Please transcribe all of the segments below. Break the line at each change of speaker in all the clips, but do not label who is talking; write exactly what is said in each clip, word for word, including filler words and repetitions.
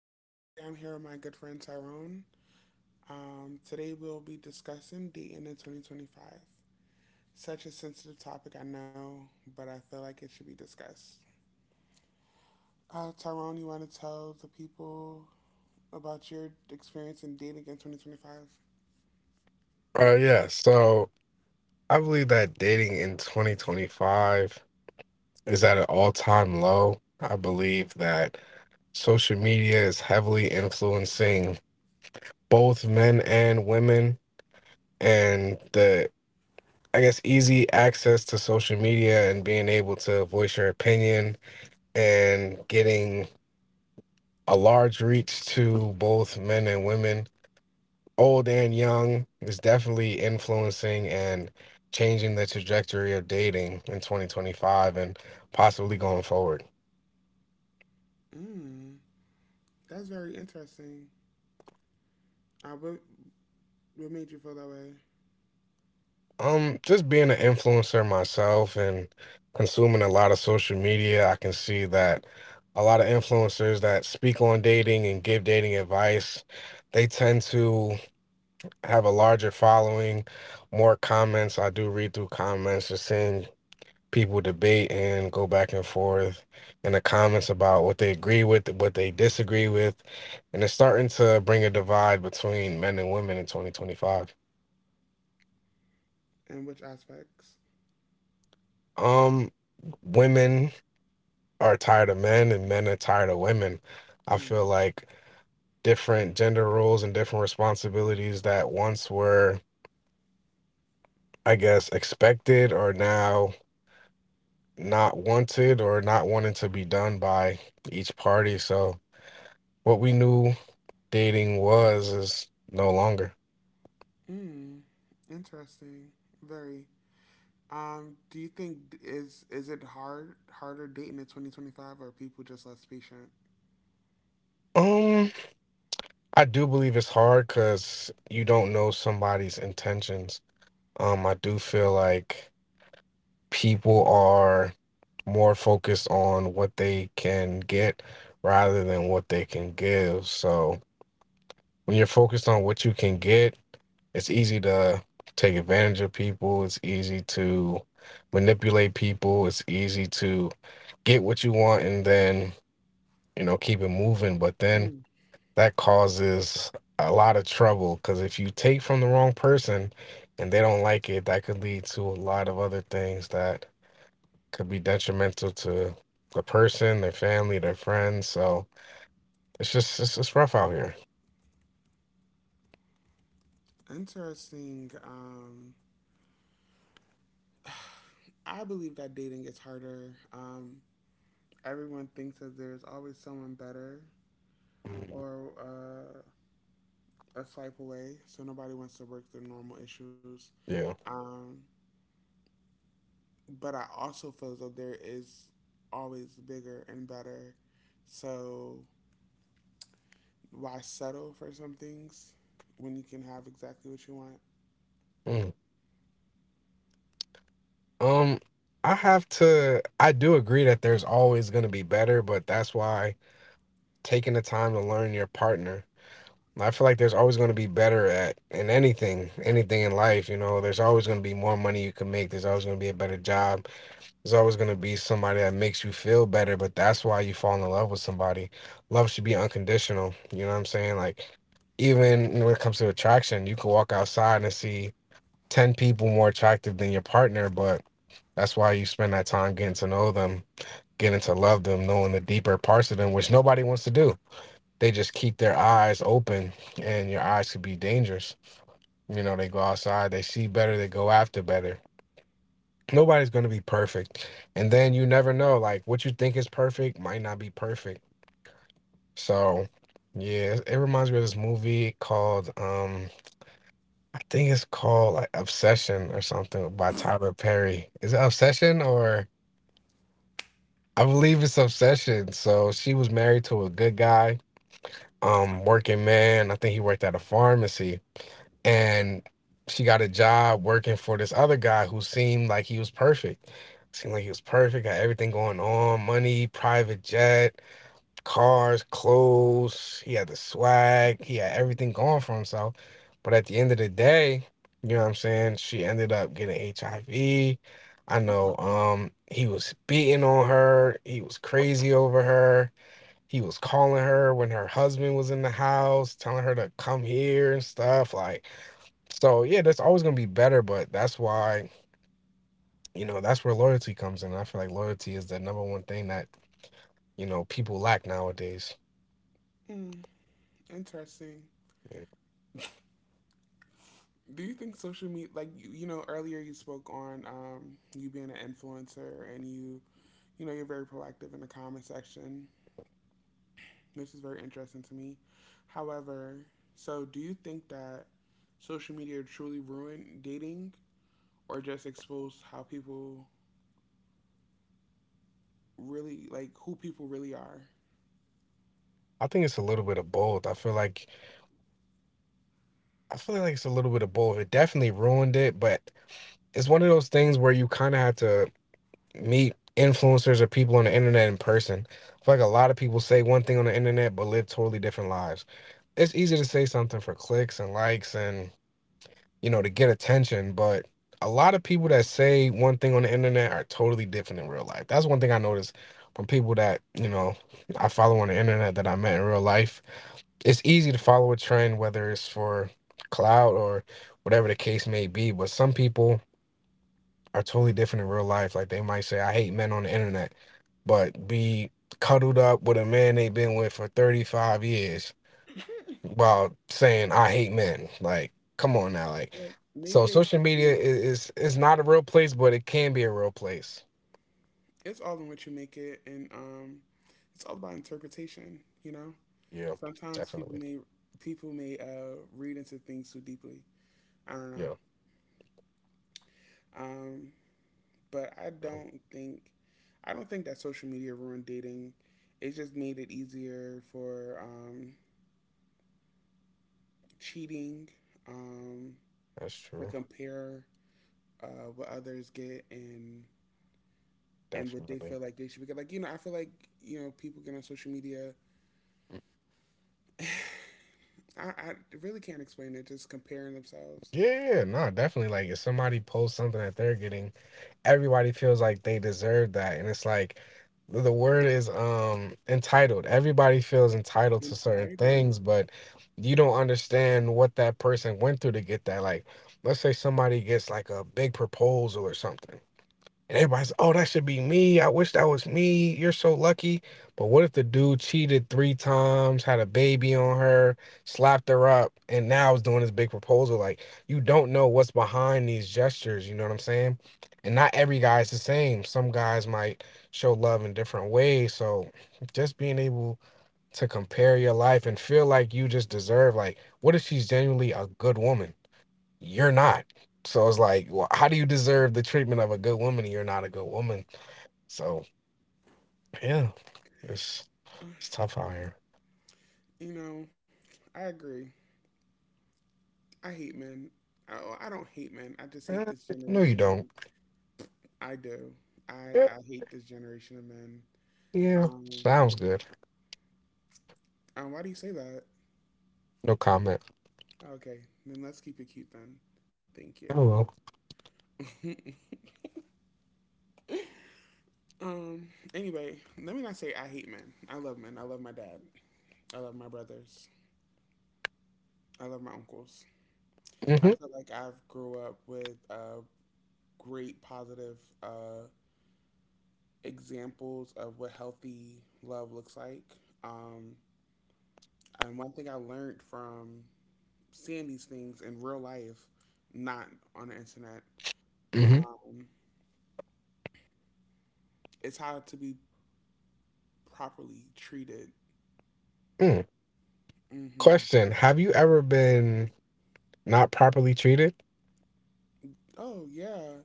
Um, today I'm here with my good friend Tyrone. Um, today we'll be discussing dating in twenty twenty-five. Such a sensitive topic, I know, but I feel like it should be discussed. Uh, Tyrone, you want to tell the people about your experience in dating in twenty twenty-five?
Uh, yeah, so I believe that dating in twenty twenty-five is at an all-time low. I believe that social media is heavily influencing both men and women, and the, I guess, easy access to social media and being able to voice your opinion and getting a large reach to both men and women old and young is definitely influencing and changing the trajectory of dating in twenty twenty-five and possibly going forward.
Hmm, that's very interesting. Uh, what, what made you feel that way?
Um, just being an influencer myself and consuming a lot of social media, I can see that a lot of influencers that speak on dating and give dating advice, they tend to have a larger following, more comments. I do read through comments, just seeing people debate and go back and forth in the comments about what they agree with, what they disagree with, and it's starting to bring a divide between men and women in twenty twenty-five.
And which aspects?
Um, Women are tired of men and men are tired of women. I
Hmm,
feel like different gender roles and different responsibilities that once were, I guess, expected are now not wanted or not wanted to be done by each party. So what we knew dating was is no longer.
hmm, interesting. Very. Um, do you think is is it hard harder dating in twenty twenty-five, or are people just less patient?
Um, I do believe it's hard because you don't know somebody's intentions. Um, I do feel like people are more focused on what they can get rather than what they can give. So when you're focused on what you can get, it's easy to take advantage of people. It's easy to manipulate people. It's easy to get what you want and then, you know, keep it moving. But then
Mm.
that causes a lot of trouble because if you take from the wrong person and they don't like it, that could lead to a lot of other things that could be detrimental to the person, their family, their friends. So it's just it's just rough out here.
Interesting. Um, I believe that dating is harder. Um, everyone thinks that there's always someone better or uh, a swipe away, so nobody wants to work through normal issues.
Yeah.
Um, but I also feel as though there is always bigger and better. So why settle for some things when you can have exactly what you want?
Mm. Um, I have to. I do agree that there's always going to be better, but that's why taking the time to learn your partner I feel like there's always going to be better at in anything, anything in life. You know, there's always going to be more money you can make. There's always going to be a better job. There's always going to be somebody that makes you feel better. But that's why you fall in love with somebody. Love should be unconditional. You know what I'm saying? Like, even when it comes to attraction, you can walk outside and see ten people more attractive than your partner. But that's why you spend that time getting to know them, getting to love them, knowing the deeper parts of them, which nobody wants to do they just keep their eyes open and your eyes could be dangerous. You know, they go outside, they see better, they go after better. Nobody's going to be perfect. And then you never know, like what you think is perfect might not be perfect. So, yeah, it it reminds me of this movie called, um, I think it's called like Obsession or something by Tyler Perry. Is it Obsession or I believe it's Obsession. So she was married to a good guy, um, working man. I think he worked at a pharmacy and she got a job working for this other guy who seemed like he was perfect. Seemed like he was perfect, got everything going on, money, private jet, cars, clothes. He had the swag, he had everything going for himself. But at the end of the day, you know what I'm saying? She ended up getting H I V. I V. I know um he was beating on her, he was crazy over her. He was calling her when her husband was in the house, telling her to come here and stuff like so yeah, that's always gonna be better, but that's why, you know, that's where loyalty comes in. I feel like loyalty is the number one thing that, you know, people lack nowadays.
Mm, interesting.
Yeah.
Do you think social media, like you, you know, earlier you spoke on um, you being an influencer and you, you know, you're very proactive in the comment section, which is very interesting to me. However, so do you think that social media truly ruined dating or just exposed how people really, like who people really are?
I think it's a little bit of both. I feel like I feel like it's a little bit of both. It definitely ruined it, but it's one of those things where you kind of have to meet influencers or people on the internet in person. I feel like a lot of people say one thing on the internet but live totally different lives. It's easy to say something for clicks and likes and, you know, to get attention, but a lot of people that say one thing on the internet are totally different in real life. That's one thing I noticed from people that, you know, I follow on the internet that I met in real life it's easy to follow a trend, whether it's for clout or whatever the case may be. But some people are totally different in real life. Like they might say, I hate men on the internet, but be cuddled up with a man they've been with for thirty-five years while saying, I hate men. Like, come on now. Like,
Well, maybe
so
they
social
do.
media is, is, is not a real place, but it can be a real place.
It's all in what you make it, and um, it's all about interpretation, you know?
Yeah,
Sometimes people
definitely.
may people may uh, read into things too deeply. I don't know,
Yeah,
um, but I
um,
don't think I don't think that social media ruined dating. It just made it easier for um, cheating, um,
that's
to
true.
compare uh, what others get and and what they
Definitely.
feel like they should be. Like you know, I feel like you know people get on social media. I, I really can't explain it. Just comparing themselves,
Yeah, no, definitely. Like if somebody posts something that they're getting everybody feels like they deserve that. And it's like the word is um entitled. Everybody feels entitled to certain
entitled.
things, but you don't understand what that person went through to get that. Like, let's say somebody gets like a big proposal or something and everybody's, oh, that should be me. I wish that was me. You're so lucky. But what if the dude cheated three times, had a baby on her, slapped her up, and now is doing this big proposal? Like, you don't know what's behind these gestures. You know what I'm saying? And not every guy is the same. Some guys might show love in different ways. So just being able to compare your life and feel like you just deserve, like, what if she's genuinely a good woman? You're not. So it's like, well, how do you deserve the treatment of a good woman and you're not a good woman? So yeah, it's
Uh,
it's tough out here.
You know, I agree. I hate men. Oh, I don't hate men. I just hate
Eh,
this
no, you
generation. Of,
don't.
I do. I
Eh,
I hate this generation of men.
yeah,
Um,
sounds good.
um, why do you say that?
No comment.
Okay, then let's keep it cute then. Thank
Oh well.
you. um. Anyway, let me not say I hate men. I love men. I love my dad. I love my brothers. I love my uncles. I
Mm-hmm.
feel like I've grew up with uh, great positive uh, examples of what healthy love looks like. Um, And one thing I learned from seeing these things in real life, not on the internet,
Mm-hmm.
um, is how to be properly treated.
Mm.
Hmm.
Question: have you ever been not properly treated?
Oh yeah,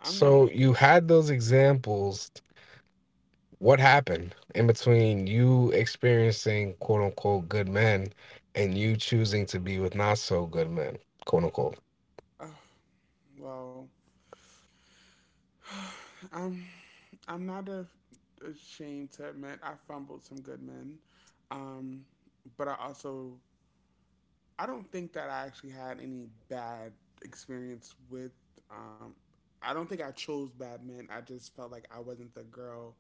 I'm not.
So you had those examples. What happened in between you experiencing quote unquote good men and you choosing to be with not so good men, quote unquote?
Uh, well, I'm. I'm not a, ashamed to admit I fumbled some good men, um, but I also I don't think that I actually had any bad experience with. Um, I don't think I chose bad men. I just felt like I wasn't the girl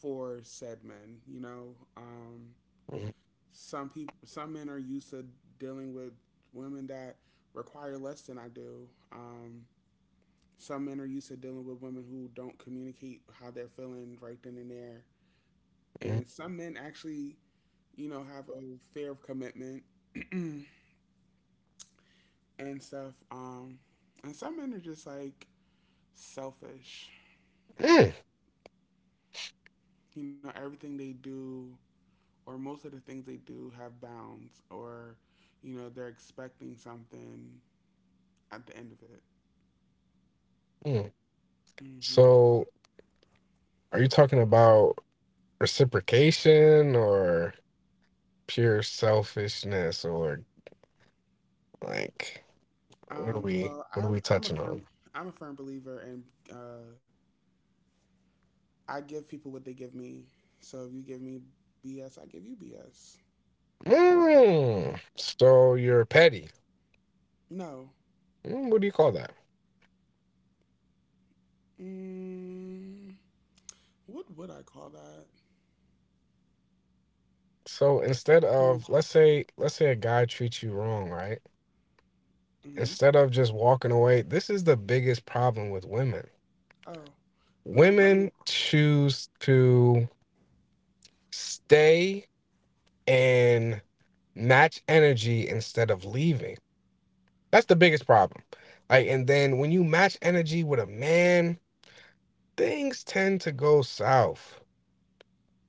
for said men. You know, um,
Mm-hmm.
some people, some men are used to dealing with women that require less than I do. Um, some men are used to dealing with women who don't communicate how they're feeling right then and there.
Mm,
And some men actually, you know, have a fear of commitment. and stuff. Um, and some men are just like selfish.
mm,
You know, everything they do or most of the things they do have bounds, or you know, they're expecting something at the end of it.
mm.
Hmm.
So, are you talking about reciprocation or pure selfishness, or like what are
Um,
we
well,
what
I,
are we
I'm a
touching on?
firm, I'm a firm believer, and uh, I give people what they give me. So if you give me B S, I give you B S.
Mm, so you're petty.
No.
Mm, what do you call that?
Mm, what would I call that?
So instead of
Someone's-
let's say let's say a guy treats you wrong, right?
mhm.
Instead of just walking away, this is the biggest problem with women.
Oh, let me, let me
Women choose to stay and match energy instead of leaving. That's the biggest problem. Like, and then when you match energy with a man, things tend to go south.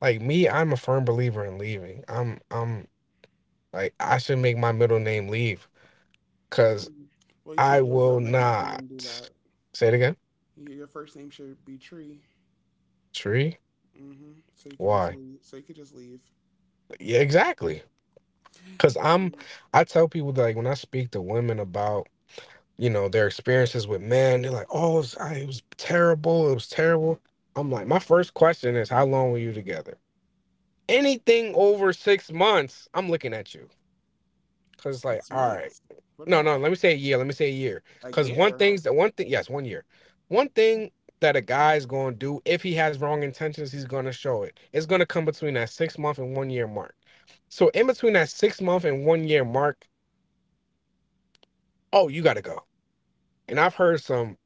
Like me, I'm a firm believer in leaving. I'm, I'm like, I should make my middle name leave because
Mm. Well, you
I
should build up
will
like a tree
not.
and do that.
Say it again.
Y- Your first name should be Tree.
Tree?
Hmm. So you could just
Why?
leave. So you could just leave.
Yeah, exactly. Because I'm,
Um,
I tell people that, like when I speak to women about you know their experiences with men they're like oh it was, I, it was terrible it was terrible I'm like my first question is how long were you together anything over six months I'm looking at you because like
six
all right
months. What
no
about
no let me say a year let me say a year
a
because one
year?
thing's that one thing yes one year one thing that a guy's going to do if he has wrong intentions he's going to show it it's going to come between that six month and one year mark so in between that six month and one year mark oh you gotta go and I've heard some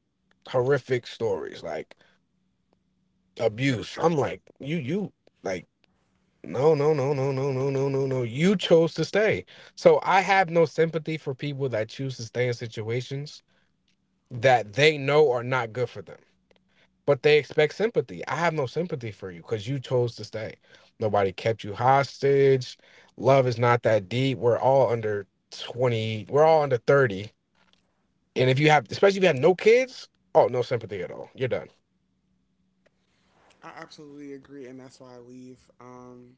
horrific stories like
You gotta
abuse.
share
I'm
s-
like, you, you, like, no, no, no, no, no, no, no, no, no You chose to stay. So I have no sympathy for people that choose to stay in situations that they know are not good for them, but they expect sympathy. I have no sympathy for you because you chose to stay. Nobody kept you hostage. Love is not that deep. We're all under twenty, we're all under thirty. And if you have, especially if you have no kids, oh, no sympathy at all. You're done.
I absolutely agree, and that's why I leave. Um,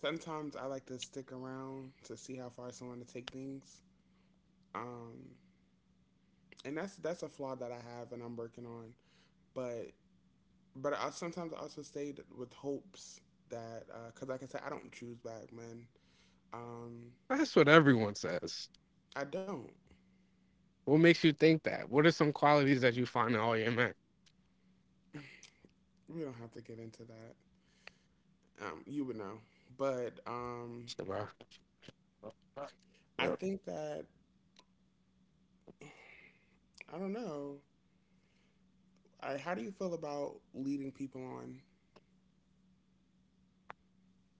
sometimes I like to stick around to see how far someone to take things. Um, and that's that's a flaw that I have and I'm working on. But but I sometimes also stay with hopes that because like I said, I don't choose black men. Um,
That's what everyone says.
I don't.
What makes you think that? What are some qualities that you find in all your men,
We don't have to get into that. Um, you would know. But um,
bro?
I
Yep.
think that I don't know. I, how do you feel about leading people on?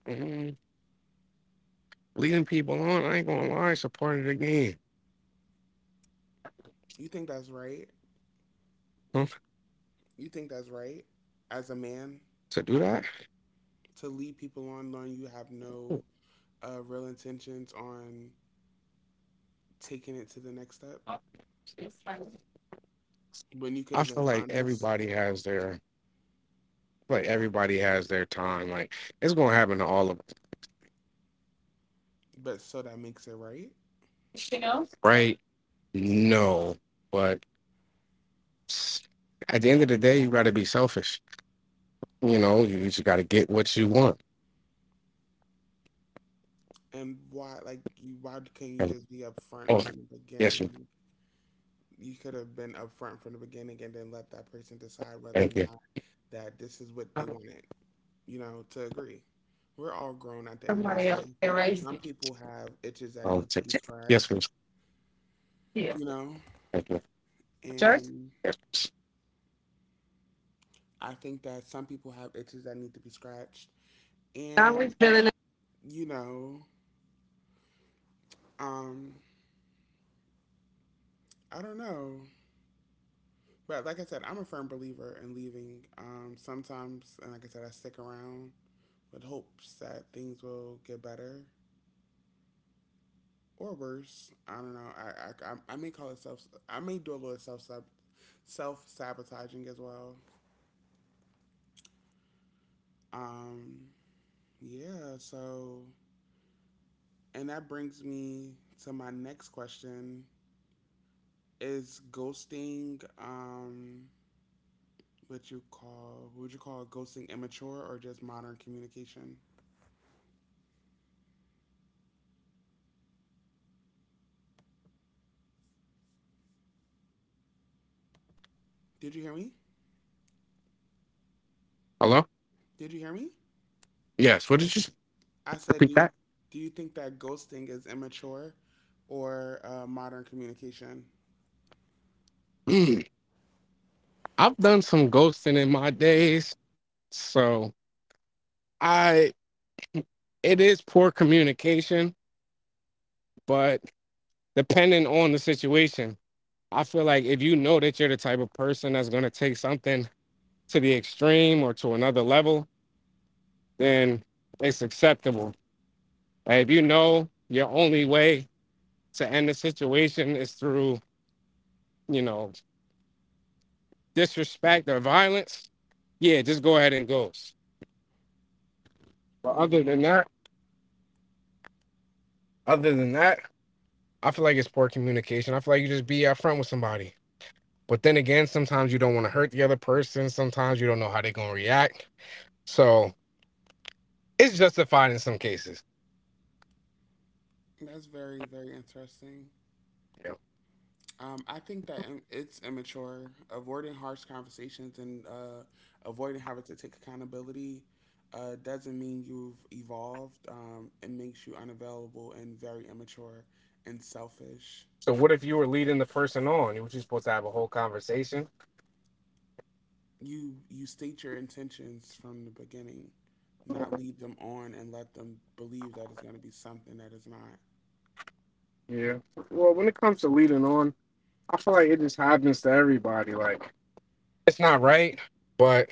Mm, leading people on, I ain't gonna lie, it's a part of the game.
You think that's right?
Huh?
You think that's right as a man
To do that,
to lead people on, knowing you have no uh, real intentions on taking it to the next step when you
I
could have
feel
been
like
honest,
everybody has their like everybody has their time. Like it's gonna happen to all of
but so that makes it right.
us, right? No, but at the end of the day, you gotta be selfish. You know, you just gotta get what you want.
And why, like, you, why can't you
And,
just be upfront
oh,
from the
yes, you.
beginning? You could have been upfront from the beginning and then let that person decide whether or
Thank you.
not that this is what they wanted, you know, to agree. We're all grown at the end of the
Somebody else
day.
erased
Some
it.
people have itches that
Oh,
need to
check,
be
check. Yes,
scratched,
miss. Yeah.
you know,
Thank you. Church?
and
Yes,
I think that some people have itches that need to be scratched. And, you know, um, I don't know. But like I said, I'm a firm believer in leaving. Um, sometimes, and like I said, I stick around with hopes that things will get better or worse. I don't know. I I, I may call it self. I may do a little self self sabotaging as well. Um, yeah. So, and that brings me to my next question: Is ghosting um what you call what would you call ghosting immature or just modern communication? Did you hear me?
hello?
Did you hear me?
Yes, what did you
I said, do
repeat
you
that?
do you think that ghosting is immature or uh, modern communication?
Mm, I've done some ghosting in my days, so I it is poor communication, but depending on the situation, I feel like if you know that you're the type of person that's going to take something to the extreme or to another level, then it's acceptable. Like, if you know your only way to end the situation is through, you know, disrespect or violence, yeah, just go ahead and ghost. But other
Mm.
than that, other than that, I feel like it's poor communication. I feel like you just be upfront with somebody. But then again, sometimes you don't want to hurt the other person. Sometimes you don't know how they're gonna react. So it's justified in some cases.
That's very, very interesting.
Yeah.
Um, I think that im- it's immature. Avoiding harsh conversations and uh, avoiding having to take accountability uh, doesn't mean you've evolved. Um, it makes you unavailable and very immature and selfish.
So what if you were leading the person on? You were supposed to have a whole conversation.
You you state your intentions from the beginning, not lead them on and let them believe that it's going to be something that is not.
Yeah. Well, when it comes to leading on, I feel like it just happens to everybody. Like it's not right, but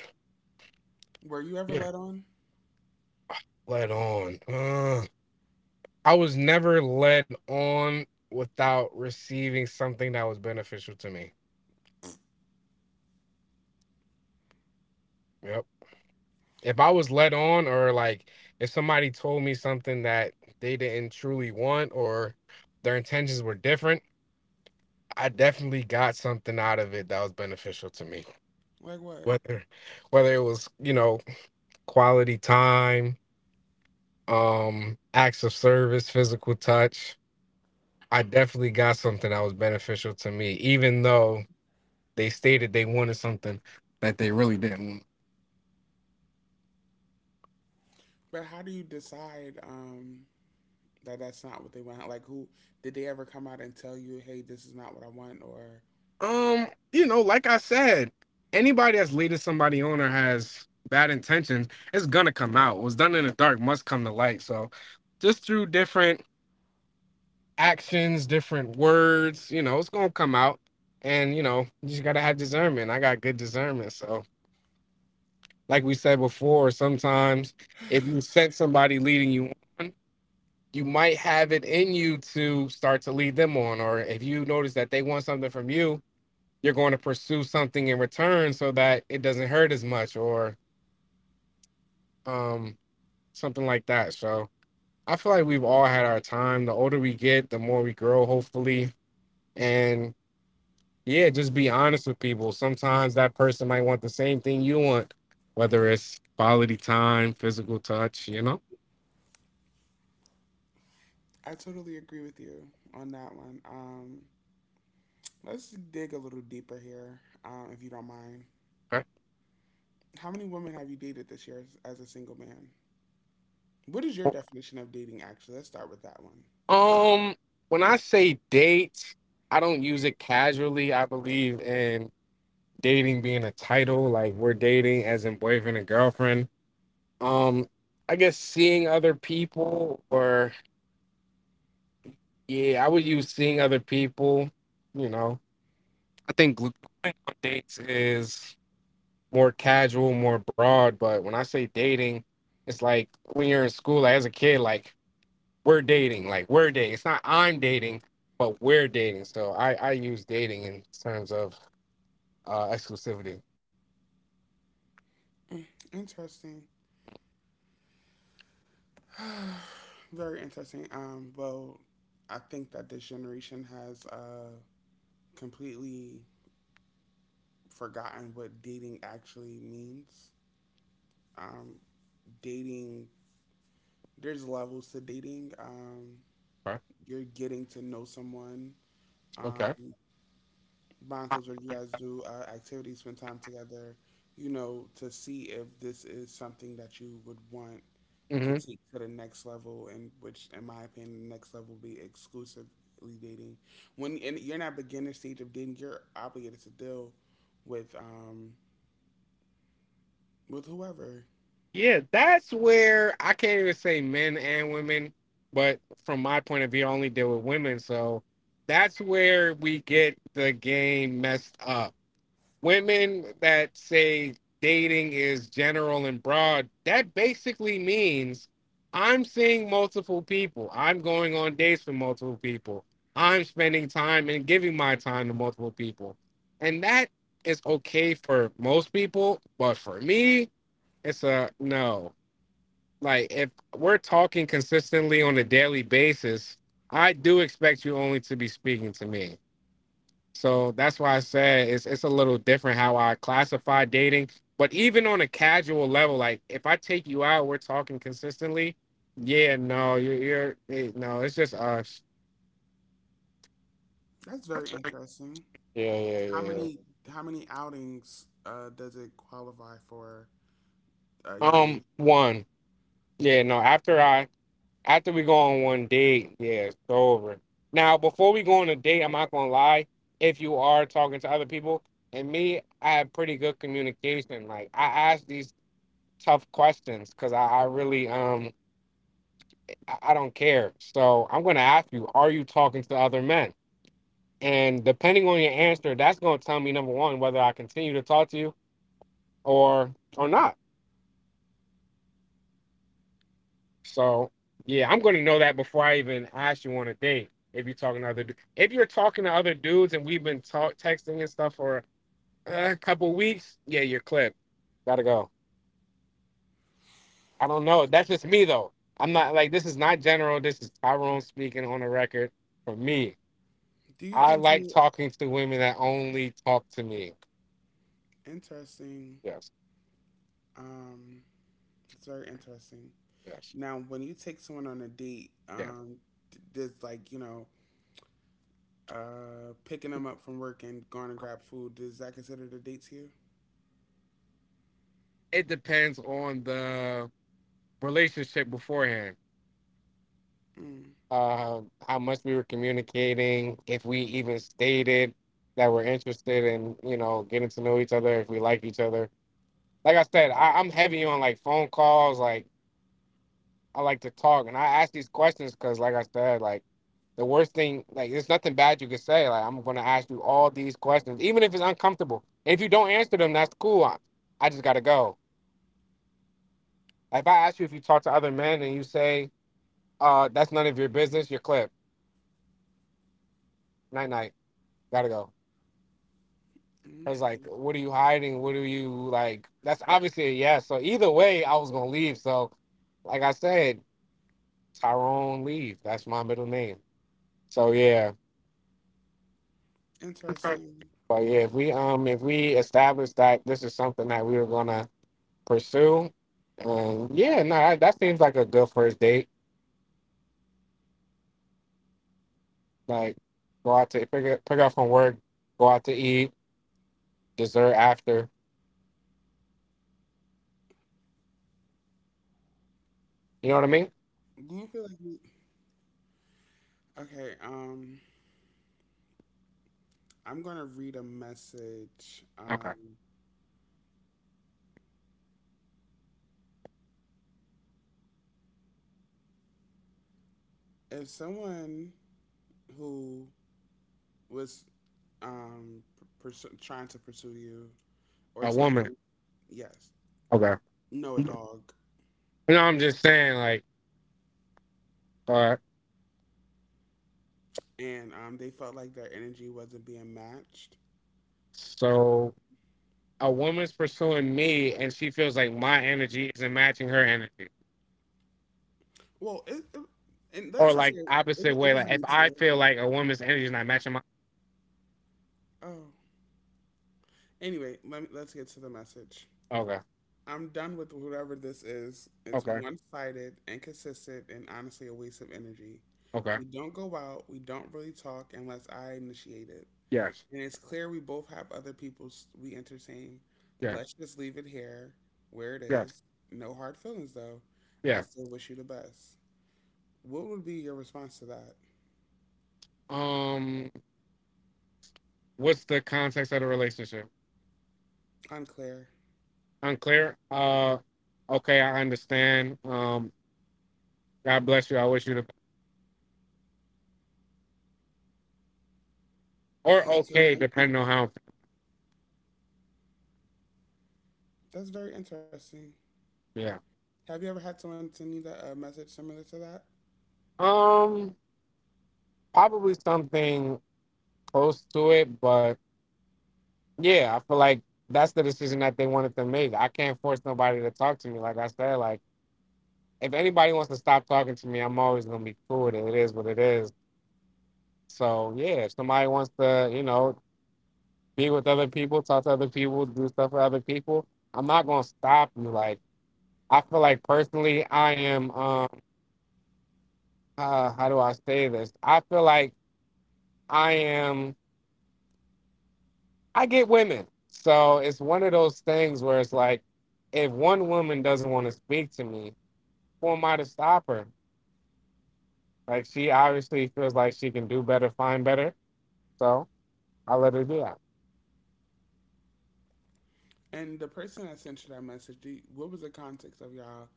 Were you ever
yeah,
let on?
let on. Uh, I was never led on without receiving something that was beneficial to me. Yep. If I was led on or like if somebody told me something that they didn't truly want or their intentions were different, I definitely got something out of it that was beneficial to me.
Like what?
Whether whether it was, you know, quality time, um, acts of service, physical touch, I definitely got something that was beneficial to me, even though they stated they wanted something that they really didn't want.
But how do you decide? Um, that that's not what they want. Like, who did they ever come out and tell you, hey, this is not what I want? Or
Um, you know, like I said, anybody that's leading somebody on or has bad intentions, it's gonna come out. What's done in the dark must come to light. So just through different actions, different words, you know, it's gonna come out. And you know, you just gotta have discernment. I got good discernment. So like we said before, sometimes if you sense somebody leading you on, you might have it in you to start to lead them on, or if you notice that they want something from you, you're going to pursue something in return so that it doesn't hurt as much, or um something like that. So I feel like we've all had our time. The older we get, the more we grow, hopefully. And yeah, just be honest with people. Sometimes that person might want the same thing you want, whether it's quality time, physical touch, you know.
I totally agree with you on that one. Um, let's dig a little deeper here, um, if you don't mind. How many women have you dated this year as, as a single man? What is your definition of dating? Actually, let's start with that one.
Um, when I say date, I don't use it casually. I believe in dating being a title, like we're dating as in boyfriend and girlfriend. Um, I guess seeing other people, or yeah, I would use seeing other people. You know, I think gl- going on dates is more casual, more broad. But when I say dating, it's like when you're in school, like as a kid, like we're dating, like we're dating. It's not I'm dating, but we're dating. So i i use dating in terms of uh exclusivity.
Interesting, very interesting. Um, well, I think that this generation has uh completely forgotten what dating actually means. Um, dating there's levels to dating. Um,
Right.
you're getting to know someone.
Okay.
Um, my uncles or you guys do uh, activities, spend time together, you know, to see if this is something that you would want to
Hmm.
take to the next level, and which, in my opinion, the next level will be exclusively dating. When and you're not beginner stage of dating, you're obligated to deal with um with whoever.
Yeah, that's where I can't even say men and women, but from my point of view I only deal with women, so that's where we get the game messed up. Women that say dating is general and broad, that basically means I'm seeing multiple people. I'm going on dates with multiple people. I'm spending time and giving my time to multiple people. And that is okay for most people, but for me, it's a no. Like if we're talking consistently on a daily basis, I do expect you only to be speaking to me. So that's why I said it's it's a little different how I classify dating. But even on a casual level, like if I take you out, we're talking consistently. Yeah, no, you're, you're eh, no, it's just us.
That's very
Yeah,
interesting.
yeah,
How
yeah. yeah.
many how many outings uh, does it qualify for Are you the?
Um, one. Yeah, no. After I after we go on one date, yeah, it's over. Now, before we go on a date, I'm not gonna lie. If you are talking to other people, and me, I have pretty good communication. Like I ask these tough questions because I, I really um I I don't care. So I'm going to ask you, are you talking to other men? And depending on your answer, that's going to tell me number one whether I continue to talk to you or or not. So yeah, I'm going to know that before I even ask you on a date. If you're talking to other, du- if you're talking to other dudes and we've been talk texting and stuff for uh, a couple weeks, yeah, you're clipped. Gotta go. I don't know. That's just me though. I'm not like this is not general. This is Tyrone speaking on the record for me.
Do you
I
think
like
you
talking to women that only talk to me.
interesting?
Yes,
Um, it's very interesting.
yes,
Now, when you take someone on a date,
yes.
um, d- does like you know, uh, picking them up from work and going to grab food, does that consider the date to you?
It depends on the relationship beforehand.
Mm,
Um, how much we were communicating, if we even stated that we're interested in, you know, getting to know each other, if we like each other. Like I said, I, I'm heavy on like phone calls, like I like to talk and I ask these questions because, like I said, like the worst thing, like there's nothing bad you could say. Like I'm gonna ask you all these questions, even if it's uncomfortable. And if you don't answer them, that's cool. I, I just gotta go. If I ask you if you talk to other men and you say, "Uh, that's none of your business," you're clipped. Night night. Gotta go. I
okay,
was like, "What are you hiding? What are you like?" That's obviously a yes. So either way, I was gonna leave. So like I said, Tyrone Leave. That's my middle name. So yeah.
interesting.
But yeah, if we um if we establish that this is something that we were gonna pursue, and yeah, no, I, that seems like a good first date. Like go out to pick up pick up from work, go out to eat, dessert after. You know what I mean?
Do you feel like you? Okay, um, I'm gonna read a message.
Okay.
Um, if someone who was um pursu- trying to pursue you or
A
take
woman.
you, yes
Okay.
no a dog,
You know, I'm just saying like, uh,
and um, they felt like their energy wasn't being matched.
so a woman's pursuing me, and she feels like my energy isn't matching her energy,
Well, it, it and
or
let's just
like
say it,
opposite
was- it
way.
was
Like if I
neutral.
feel like a woman's energy is not matching my.
Oh, anyway, let me, let's get to the message.
Okay.
I'm done with whatever this is. It's
Okay.
one sided, inconsistent, and honestly a waste of energy.
Okay.
We don't go out, we don't really talk unless I initiate it.
Yes.
And it's clear we both have other people s- we entertain.
Yeah,
Let's just leave it here, where it
yes,
is. No hard feelings though. I
yeah.
still wish you the best. What would be your response to that?
Um, what's the context of the relationship?
Unclear.
Unclear. Uh, okay, I understand. Um, God bless you. I wish you the or okay, depending on how.
That's very interesting.
Yeah.
Have you ever had someone send you that, a message similar to that?
Um, probably something close to it, but yeah, I feel like that's the decision that they wanted to make. I can't force nobody to talk to me. Like I said, like if anybody wants to stop talking to me, I'm always gonna be cool with it. It is what it is. So yeah, if somebody wants to, you know, be with other people, talk to other people, do stuff for other people. I'm not gonna stop you. Like I feel like personally, I am. Um, uh, how do I say this? I feel like I am. I get women, so it's one of those things where it's like, if one woman doesn't want to speak to me, who am I to stop her? Like she obviously feels like she can do better, find better, so I let her do that.
And the person that sent you that message, do you, what was the context of y'all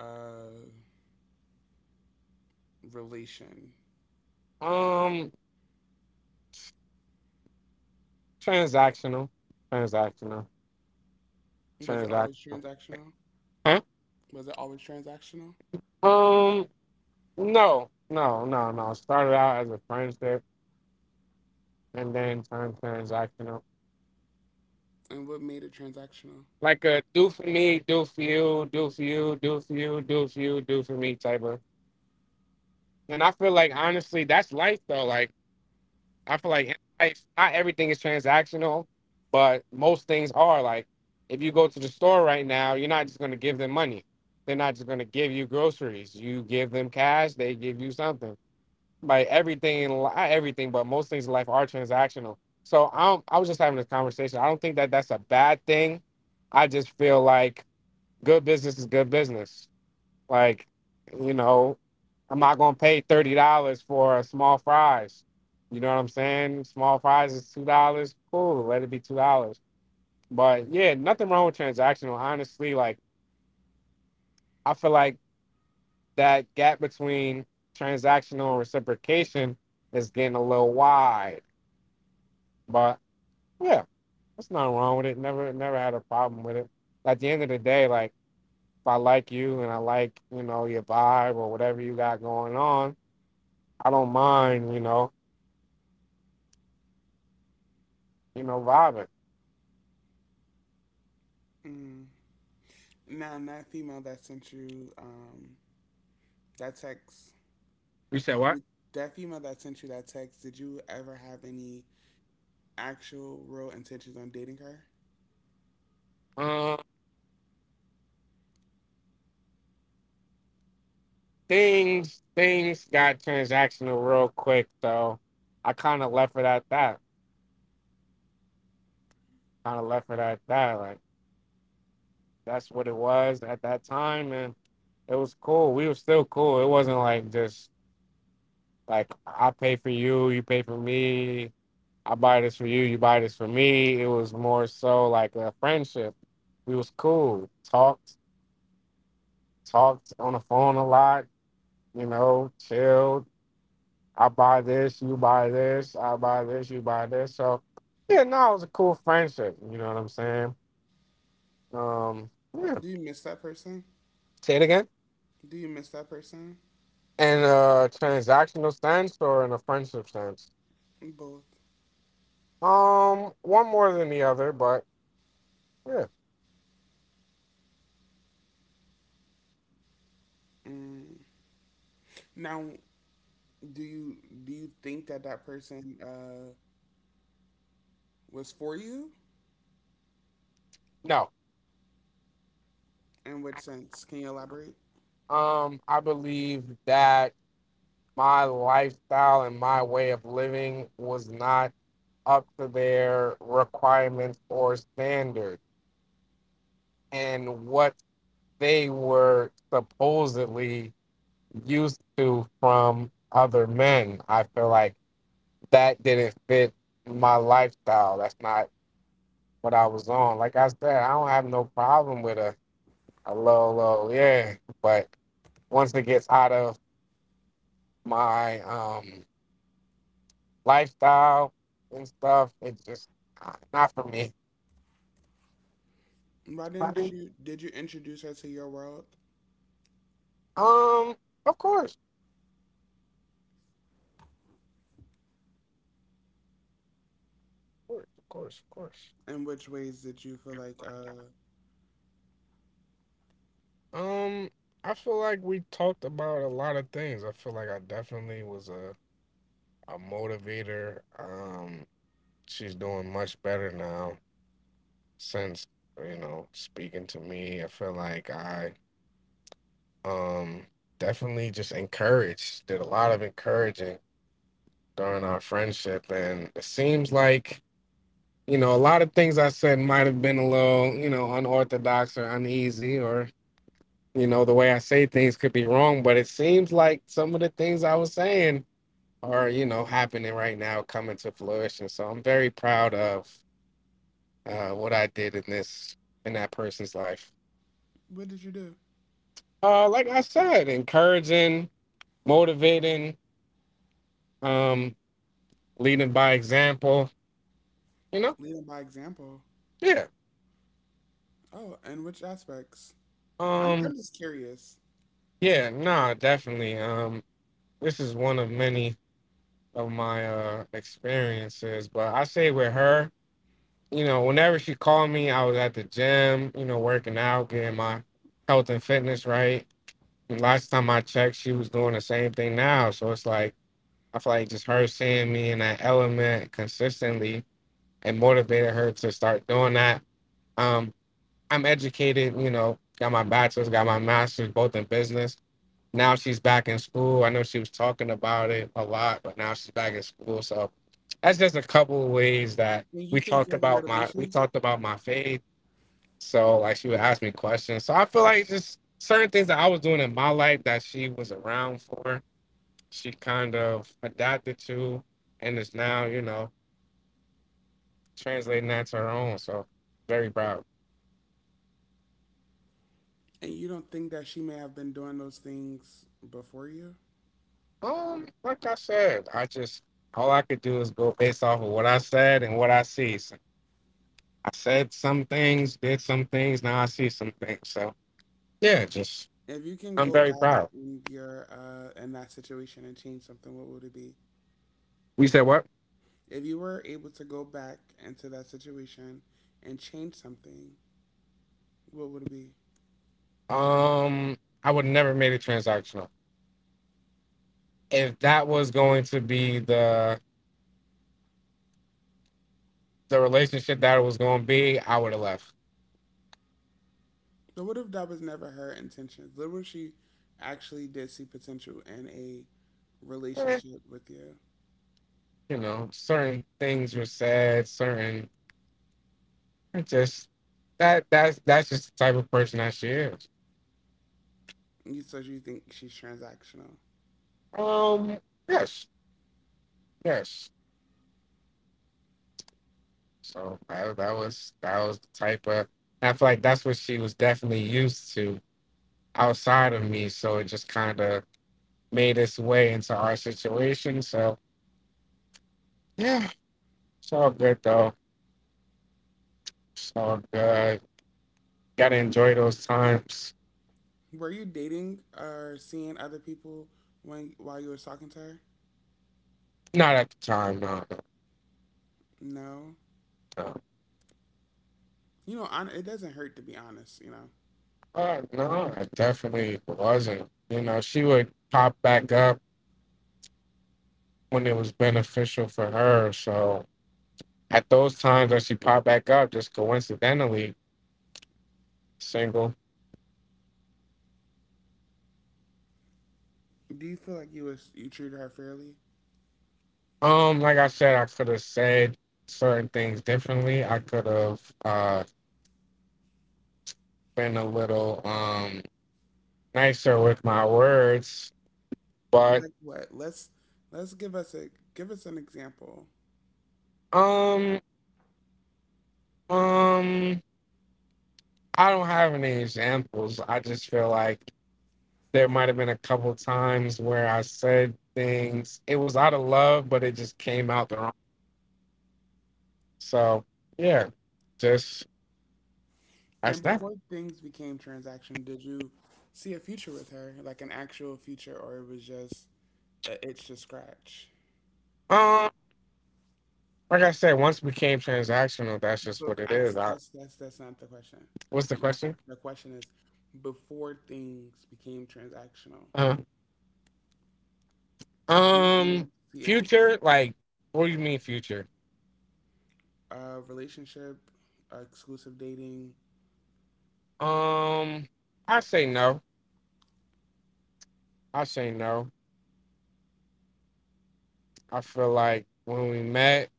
uh, relation?
Um, transactional, transactional,
Was it always
transactional.
transactional?
Huh?
Was it always transactional?
Um. No, no, no, no. Started out as a friendship and then turned transactional.
And what made it transactional?
Like a do for me, do for you, do for you, do for you, do for you, do for me type of. And I feel like honestly, that's life though. Like I feel like in life, not everything is transactional, but most things are. Like if you go to the store right now, you're not just gonna give them money. They're not just gonna give you groceries. You give them cash, they give you something. Like everything in li- not everything, but most things in life are transactional. So i'm I was just having this conversation. I don't think that that's a bad thing. I just feel like good business is good business. Like, you know, I'm not gonna pay thirty dollars for a small fries. You know what I'm saying? Small fries is two dollars. Cool, let it be two dollars. But yeah, nothing wrong with transactional honestly. Like I feel like that gap between transactional and reciprocation is getting a little wide, but yeah, that's nothing wrong with it. Never, never had a problem with it. At the end of the day, like if I like you and I like you know your vibe or whatever you got going on, I don't mind you know you know vibing.
Mm. Now, that female that sent you um, that text,
You said what?
that female that sent you that text, did you ever have any actual real intentions on dating her?
Uh, things things got transactional real quick, so I kind of left it at that. Kind of left it at that. Like that's what it was at that time, and it was cool. We were still cool. It wasn't like just like I pay for you, you pay for me, I buy this for you, you buy this for me. It was more so like a friendship. We was cool, talked, talked on the phone a lot, you know, chilled. I buy this, you buy this, I buy this, you buy this. So yeah, no, it was a cool friendship. You know what I'm saying? Um, yeah.
Do you miss that person?
Say it again.
Do you miss that person?
In a transactional sense or in a friendship sense?
Both.
Um, one more than the other, but yeah.
Mm. Now, do you do you think that that person uh, was for you?
No.
In which sense? Can you elaborate?
Um, I believe that my lifestyle and my way of living was not up to their requirements or standards and what they were supposedly used to from other men. I feel like that didn't fit my lifestyle. That's not what I was on. Like I said, I don't have no problem with a, a low, low, yeah. But once it gets out of my um lifestyle and stuff. It's just uh, not for me.
Why didn't
Right.
you? Did you introduce her to your world?
Um, of course, of course, of course, of course.
In which ways did you feel
You're
like?
right.
Uh,
Um, I feel like we talked about a lot of things. I feel like I definitely was a a motivator. Um, she's doing much better now since, you know, speaking to me. I feel like I um definitely just encouraged. Did a lot of encouraging during our friendship, and it seems like, you know, a lot of things I said might have been a little, you know, unorthodox or uneasy, or, you know, the way I say things could be wrong, but it seems like some of the things I was saying are, you know, happening right now, coming to fruition. So I'm very proud of uh, what I did in this, in that person's life.
what did you do?
Uh, like I said, encouraging, motivating, um, leading by example, you know?
Leading by example.
Yeah.
Oh, and which aspects? I'm I'm
Um,
just curious.
yeah, nah, definitely. Um, this is one of many of my uh experiences. But I say with her, you know, whenever she called me, I was at the gym, you know, working out, getting my health and fitness right. And last time I checked, she was doing the same thing now. So it's like I feel like just her seeing me in that element consistently and motivated her to start doing that. Um, I'm educated, you know, got my bachelor's, got my master's, both in business, now she's back in school. I know she was talking about it a lot, but now she's back in school. So that's just a couple of ways that
When you
we
think
talked
you're the
about my we
motivation,
talked about my faith. So like she would ask me questions. So I feel like just certain things that I was doing in my life that she was around for, she kind of adapted to and is now, you know, translating that to her own. So very proud.
and you don't think that she may have been doing those things before you?
Um, like I said, I just all I could do is go based off of what I said and what I see. So said some things, did some things. Now I see some things. So yeah, just
If you can
I'm
go
very
back
proud.
in your uh in that situation and change something, what would it be?
We said what?
If you were able to go back into that situation and change something, what would it be?
Um, I would never made it transactional. If that was going to be the the relationship that it was going to be, I would have left.
So what if that was never her intentions? What if she actually did see potential in a
Eh,
relationship with you?
you know, certain things were said. Certain it just that that's that's just the type of person that she is.
You so you think she's transactional.
Um, yes, yes. So I, that was that was the type of. I feel like that's what she was definitely used to outside of me. So it just kind of made its way into our situation. So yeah, it's all good though. It's all good. Gotta enjoy those times.
Were you dating or seeing other people when while you were talking to her?
Not at the time, no, no,
No.
no.
You know, hon- it doesn't hurt to be honest, you know.
Uh, no, I definitely wasn't. You know, she would pop back up when it was beneficial for her. So at those times that she popped back up, just coincidentally single.
Do you feel like you was you treated her fairly?
Um, like I said, I could have said certain things differently. I could have uh been a little um nicer with my words, but
Like what? Let's let's give us a give us an example.
um um I don't have any examples. I just feel like there might have been a couple times where I said things. It was out of love, but it just came out the wrong. So yeah, just that's
And
that.
before things became transaction, did you see a future with her, like an actual future, or it was just a itch to scratch?
Um, like I said, once it became transactional, that's just
But
what it
I
is. I,
that's that's that's not the question. That's
what's the
not
question?
the question. Is before things became transactional,
Uh,
did you
um,
see a future?
future, like, what do you mean future?
A relationship, exclusive dating.
Um, I say no. I say no. I feel like when we met,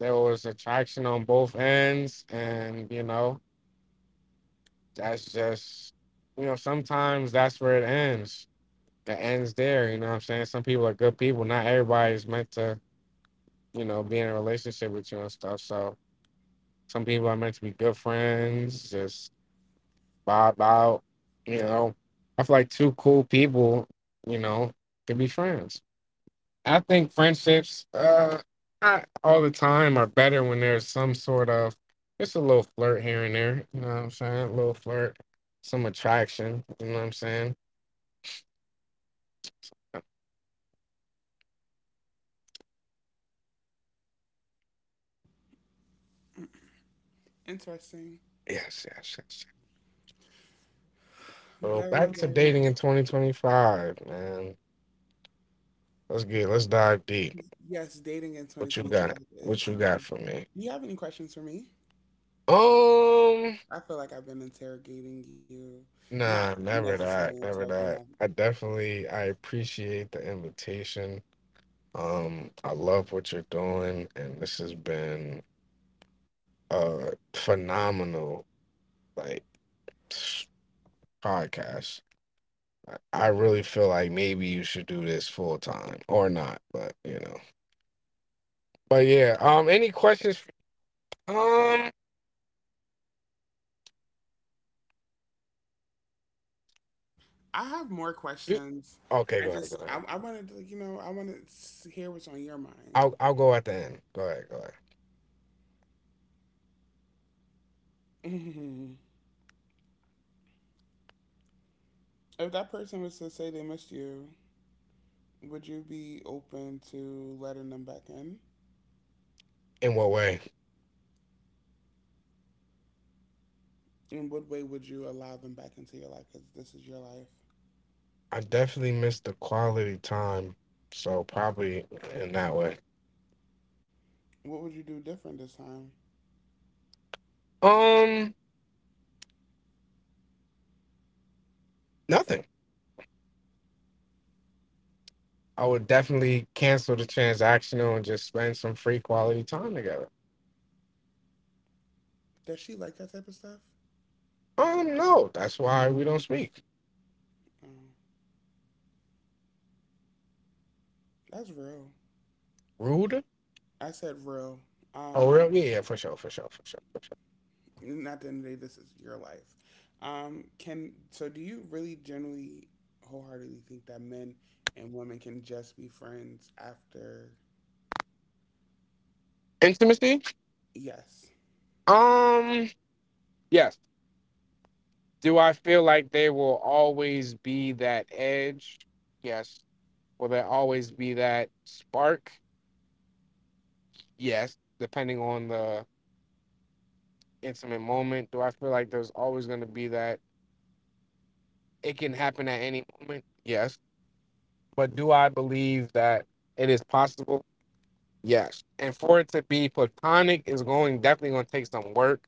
there was attraction on both ends, and you know, that's just, you know, sometimes that's where it ends. It ends there, you know what I'm saying? Some people are good people. Not everybody's meant to, you know, be in a relationship with you and stuff. So some people are meant to be good friends, just vibe out, you know. I feel like two cool people, you know, could be friends. I think friendships, uh, not all the time, are better when there's some sort of just a little flirt here and there. You know what I'm saying? A little flirt, some attraction. You know what I'm saying? Uh,
Interesting.
Yes, yes, yes, yes. So
Very,
back to
very.
dating in twenty twenty-five, man. Let's get, let's dive deep.
Yes, dating in
What you
twenty twenty-five
got?
is.
What you got
Um,
for me?
do you have any questions for me?
Um,
I feel like I've been interrogating you. Not
nah, never
necessarily
that, never
interrogating, um,
that. I definitely, I appreciate the invitation. Um, I love what you're doing, and this has been uh phenomenal like podcast. I I really feel like maybe you should do this full time or not, but you know. But yeah, um any questions f- um
I have more
you
questions.
okay,
I
go ahead, go
just, I,
ahead.
I wanted to, you know, I wanted to s- hear what's on your mind.
I'll I'll go at the end. Go ahead, go ahead.
hmm If that person was to say they missed you, would you be open to letting them back in?
In what way?
In what way would you allow them back into your life? Because this is your life.
I definitely missed the quality time, so probably in that way.
What would you do different this time?
Um nothing. I would definitely cancel the transactional and just spend some free quality time together.
Does she like that type of stuff?
Um, no, that's why we don't speak.
Oh, that's real.
Rude?
I said real.
Oh,
Um,
real? Yeah, yeah, for sure, for sure, for sure, for sure.
and at the end of the day, this is your life. Um, can so do you really generally wholeheartedly think that men and women can just be friends after?
Intimacy?
Yes.
Um, yes. Do I feel like there will always be that edge? Yes. Will there always be that spark? Yes. Depending on the intimate moment, do I feel like there's always going to be that? It can happen at any moment. Yes. But do I believe that it is possible? Yes. And for it to be platonic is going definitely going to take some work.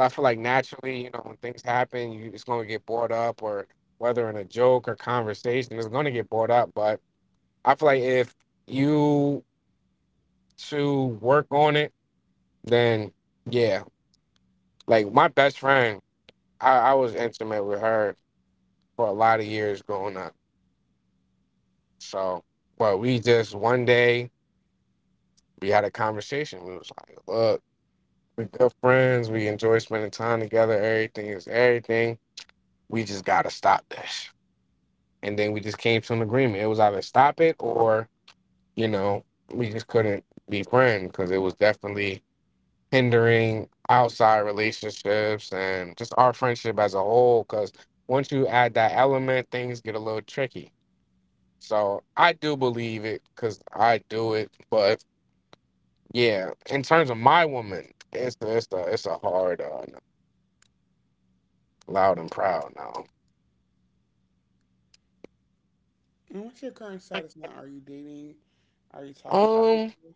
I feel like naturally, you know, when things happen, you it's gonna get brought up, or whether in a joke or conversation, it's gonna get brought up. But I feel like if you to work on it, then yeah. Like my best friend, I, I was intimate with her for a lot of years growing up. So, but we just one day we had a conversation. We was like, look, we good friends. We enjoy spending time together. Everything is everything. We just gotta stop this, and then we just came to an agreement. It was either stop it or, you know, we just couldn't be friends because it was definitely hindering outside relationships and just our friendship as a whole. Because once you add that element, things get a little tricky. So I do believe it because I do it. But yeah, in terms of my woman, it's a, it's a, it's a hard, uh, loud and proud now.
And what's your current status now? Are you dating? Are you talking to
Um,
people?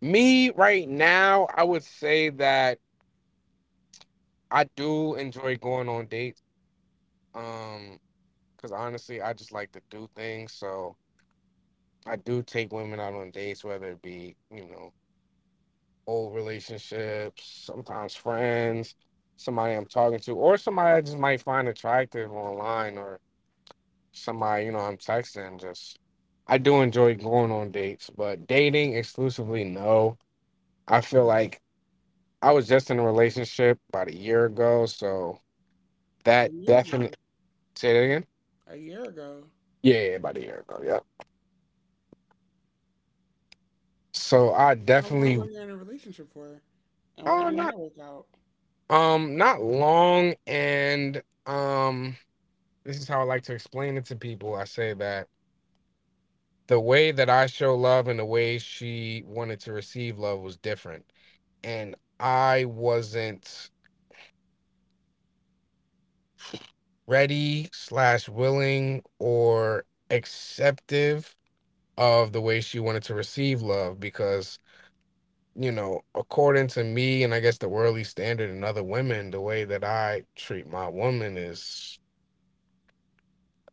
Me right now, I would say that. I do enjoy going on dates. Um, because honestly, I just like to do things. So I do take women out on dates, whether it be, you know, old relationships, sometimes friends, somebody I'm talking to, or somebody I just might find attractive online, or somebody, you know, I'm texting. Just I do enjoy going on dates, but dating exclusively, no. I feel like I was just in a relationship about a year ago, so
A
that
year
definitely.
ago,
Say that again.
a year ago,
Yeah, yeah, about a year ago. Yep. So I
how long were
definitely
you in a relationship for? And why
oh
didn't
not
that work out?
um not long and um this is how I like to explain it to people. I say that the way that I show love and the way she wanted to receive love was different. And I wasn't ready slash willing or acceptive of the way she wanted to receive love because, you know, according to me and I guess the worldly standard and other women, the way that I treat my woman is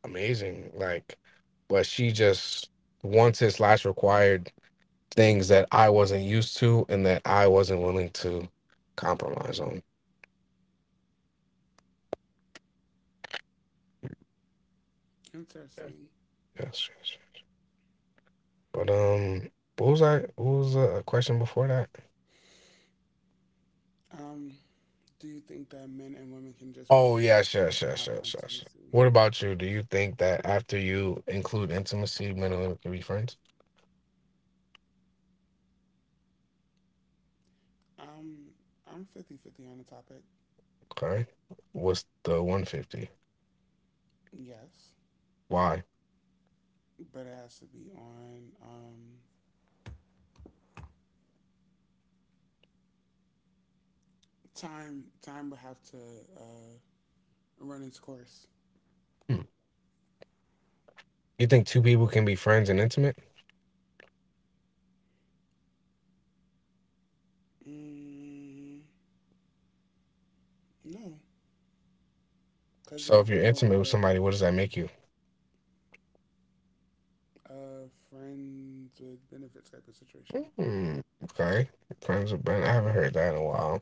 amazing. Like, but she just wanted slash required things that I wasn't used to and that I wasn't willing to compromise on. Yes,
Interesting.
yes, yes. But um, what was I? What was the question before that?
Um, do you think that men and women can just be
Oh
friends
yes, yes, yes,
after
yes, yes.
intimacy?
What about you? Do you think that after you include intimacy, men and women can be friends?
Um, I'm fifty-fifty on the topic.
Okay. What's the one fifty?
Yes,
Why?
but it has to be on um, time. Time would have to uh, run its course.
Hmm. You think two people can be friends and intimate?
Mm, no, because
So
there's
if you're
no
intimate with
like,
somebody, what does that make you?
uh, friends with benefits type of situation.
Hmm. Okay. Friends with benefits. I haven't heard that in a while.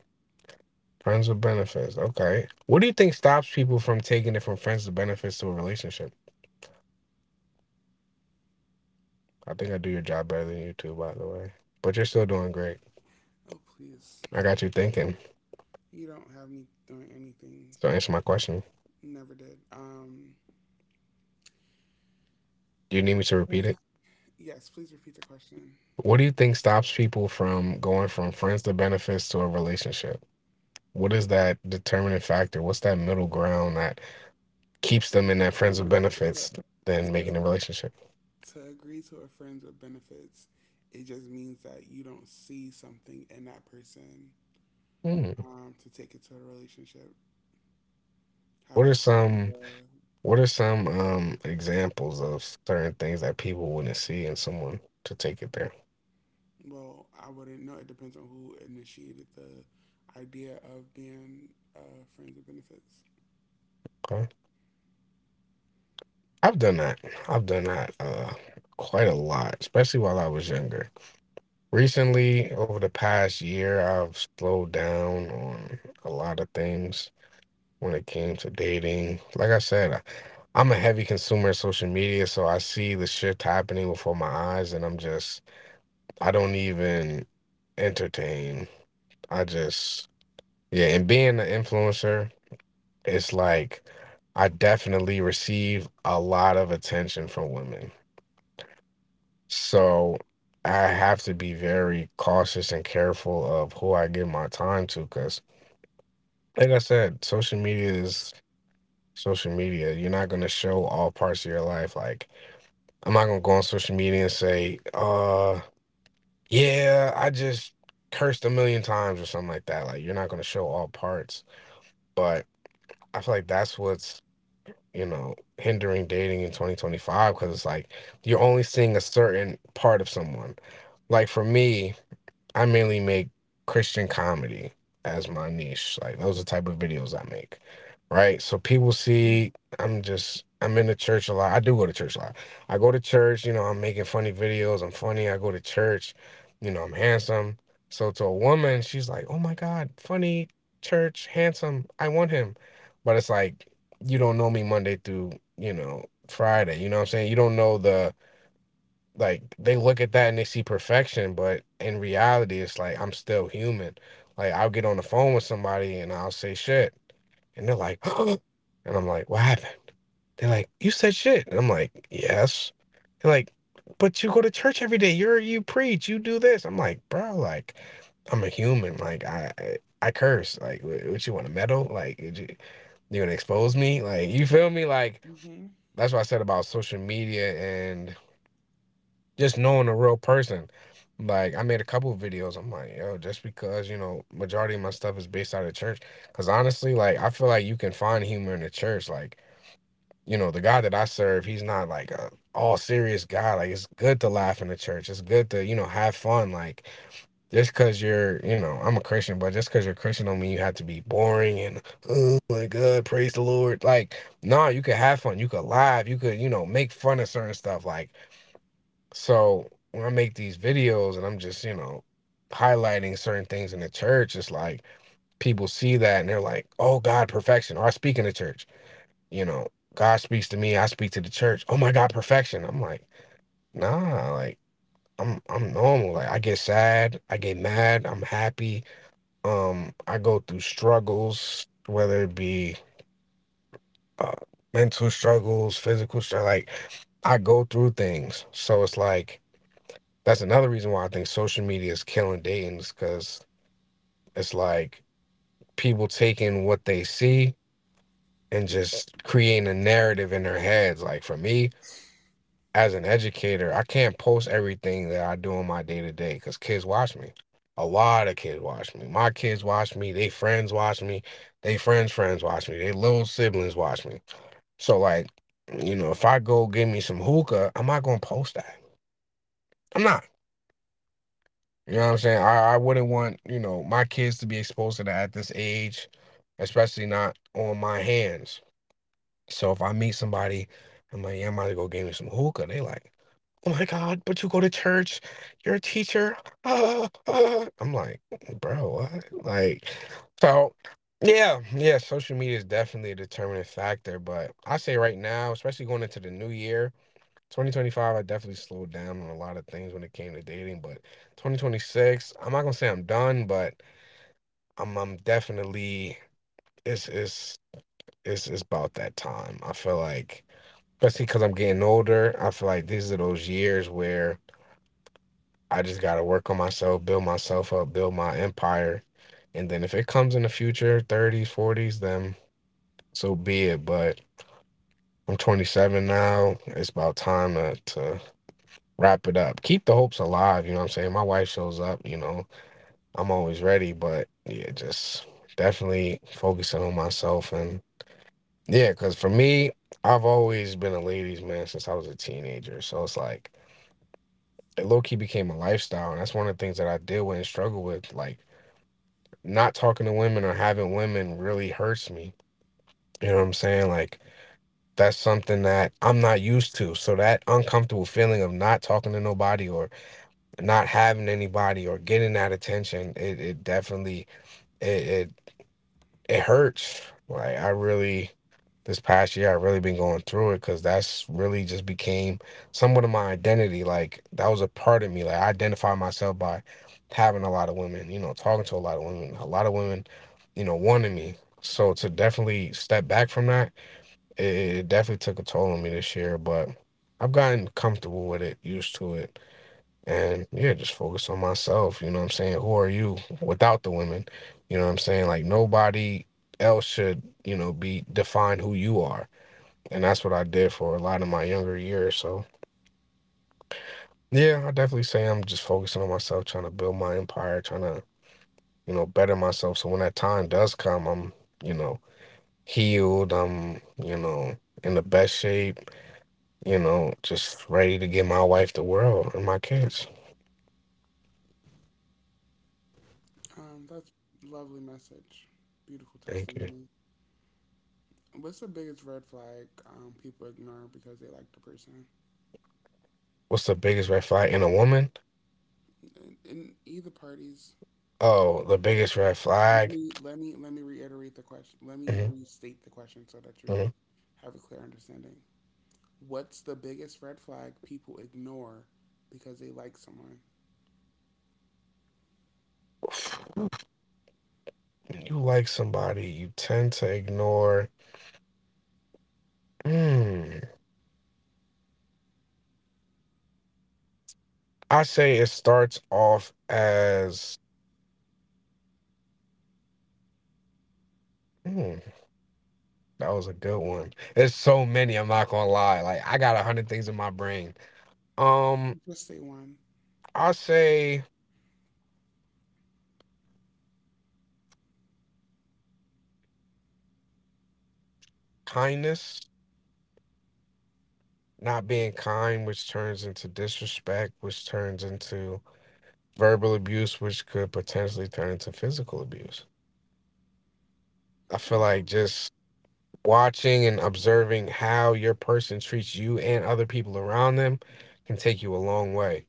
Friends with benefits. Okay. What do you think stops people from taking it from friends with benefits to a relationship? I think I do your job better than you two, by the way. But you're still doing great.
Oh please,
I got you thinking.
you don't have me doing anything.
So answer my question.
Never did. Um,
Do you need me to
so,
repeat it?
yes, please repeat the question.
What do you think stops people from going from friends to benefits to a relationship? What is that determining factor? What's that middle ground that keeps them in that
You
friends with
know, to,
benefits than
to
making a relationship?
To agree to a friend's with benefits, it just means that you don't see something in that person
Hmm.
um, to take it to a relationship.
What are
However,
some
the,
What are some um, examples of certain things that people wouldn't see in someone to take it there?
well, I wouldn't know. It depends on who initiated the idea of being uh, friends with benefits.
Okay. I've done that. I've done that uh, quite a lot, especially while I was younger. Recently, over the past year, I've slowed down on a lot of things when it came to dating. Like I said, I, I'm a heavy consumer of social media, so I see the shift happening before my eyes, and I'm just I don't even entertain. I just Yeah, and being an influencer, it's like I definitely receive a lot of attention from women. So I have to be very cautious and careful of who I give my time to because like I said, social media is social media. You're not gonna show all parts of your life. Like I'm not gonna go on social media and say, uh. Yeah, I just cursed a million times or something like that. Like, you're not going to show all parts. But I feel like that's what's, you know, hindering dating in twenty twenty-five because it's like you're only seeing a certain part of someone. Like, for me, I mainly make Christian comedy as my niche. Like those are the type of videos I make. Right? So people see I'm just I'm in the church a lot. I do go to church a lot. I go to church, you know, I'm making funny videos. I'm funny. I go to church. You know, I'm handsome. So to a woman, she's like, "Oh my God, funny, church, handsome. I want him." But it's like you don't know me Monday through, you know, Friday. You know what I'm saying? You don't know the like they look at that and they see perfection, but in reality, it's like I'm still human. Like I'll get on the phone with somebody and I'll say shit, and they're like, and I'm like, what happened? They're like, you said shit, and I'm like, yes. They're like, but you go to church every day. You're you preach, you do this. I'm like, bro, like I'm a human. Like I I, I curse. Like wh- what, you want a medal? Like you you gonna expose me? Like you feel me? Like
Hmm
that's what I said about social media and just knowing a real person. Like I made a couple of videos. I'm like, yo, just because you know majority of my stuff is based out of church, because honestly, like I feel like you can find humor in the church. Like you know the God that I serve, he's not like a all serious guy. Like it's good to laugh in the church. It's good to, you know, have fun. Like just because you're you know I'm a Christian, but just because you're Christian don't mean you have to be boring and oh my God, praise the Lord. Like no, you could have fun. You could laugh. You could, you know, make fun of certain stuff. Like so when I make these videos and I'm just, you know, highlighting certain things in the church, it's like people see that and they're like, oh God, perfection. Or I speak in the church, you know, God speaks to me, I speak to the church. Oh my God, perfection. I'm like, nah, like I'm I'm normal. Like I get sad, I get mad, I'm happy. Um, I go through struggles, whether it be uh mental struggles, physical struggle, like I go through things. So it's like that's another reason why I think social media is killing dating, because it's like people taking what they see and just creating a narrative in their heads. Like for me, as an educator, I can't post everything that I do on my day to day because kids watch me. A lot of kids watch me. My kids watch me. They friends watch me. They friends friends watch me. They little siblings watch me. So like, you know, if I go give me some hookah, I'm not gonna post that. I'm not. You know what I'm saying? I, I wouldn't want, you know, my kids to be exposed to that at this age, especially not on my hands. So if I meet somebody, I'm like, yeah, I'm about to go get me some hookah. They like, oh my God, but you go to church, you're a teacher. Ah, ah." I'm like, bro, what? Like, so yeah, yeah, social media is definitely a determinant factor. But I say right now, especially going into the new year, twenty twenty-five, I definitely slowed down on a lot of things when it came to dating, but twenty twenty-six, I'm not gonna say I'm done, but I'm I'm definitely it's it's it's it's about that time. I feel like, especially because I'm getting older, I feel like these are those years where I just gotta work on myself, build myself up, build my empire, and then if it comes in the future, thirties, forties, then so be it. But I'm twenty-seven now. It's about time to to wrap it up. Keep the hopes alive, you know what I'm saying? My wife shows up, you know, I'm always ready, but yeah, just definitely focusing on myself and yeah, because for me, I've always been a ladies' man since I was a teenager. So it's like it low key became a lifestyle. And that's one of the things that I deal with and struggle with. Like not talking to women or having women really hurts me. You know what I'm saying? Like that's something that I'm not used to. So that uncomfortable feeling of not talking to nobody or not having anybody or getting that attention, it it definitely it it, it hurts. Like I really this past year I really been going through it because that's really just became somewhat of my identity. Like that was a part of me. Like I identify myself by having a lot of women, you know, talking to a lot of women, a lot of women, you know, wanting me. So to definitely step back from that, it, it definitely took a toll on me this year. But I've gotten comfortable with it, used to it, and yeah, just focus on myself. You know what I'm saying? Who are you without the women? You know what I'm saying? Like nobody else should, you know, be define who you are. And that's what I did for a lot of my younger years. So yeah, I definitely say I'm just focusing on myself, trying to build my empire, trying to, you know, better myself. So when that time does come, I'm, you know, healed. I'm, you know, in the best shape, you know, just ready to give my wife the world and my kids.
Um, that's lovely message. Beautiful
Thank you.
testimony. What's the biggest red flag um, people ignore because they like the person?
What's the biggest red flag in a woman?
In, in either parties,
Oh, the biggest red
Let
flag.
me let me let me reiterate the question. Let me
Mhm,
restate the question so that you
mhm.
have a clear understanding. What's the biggest red flag people ignore because they like someone?
When you like somebody, you tend to ignore. Hmm. I say it starts off as. Hmm, that was a good one. There's so many. I'm not gonna lie. Like I got a hundred things in my brain. Um,
Just say one.
I say kindness, not being kind, which turns into disrespect, which turns into verbal abuse, which could potentially turn into physical abuse. I feel
Mm.
like just Watching and observing how your person treats you and other people around them can take you a long way.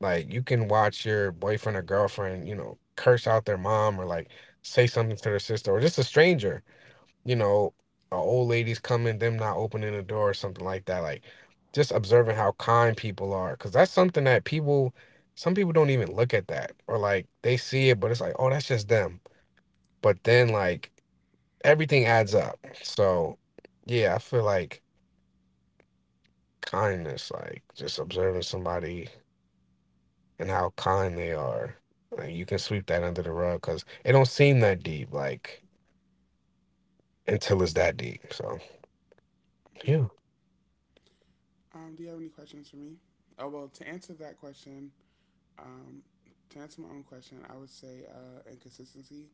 Like you can watch your boyfriend or girlfriend, you know, curse out their mom or like say something to their sister or just a stranger, you know, a old lady's coming, them not opening the door or something like that. Like just observing how kind people are because that's something that people some people don't even look at that or like they see it but it's like oh that's just them but then like everything adds up. So, yeah, I feel like kindness, like just observing somebody and how kind they are, like, you can sweep that under the rug because it don't seem that deep, like until it's that deep. So,
Mm.
yeah,
Um, do you have any questions for me? Oh well, to answer that question, um, to answer my own question, I would say uh, inconsistency.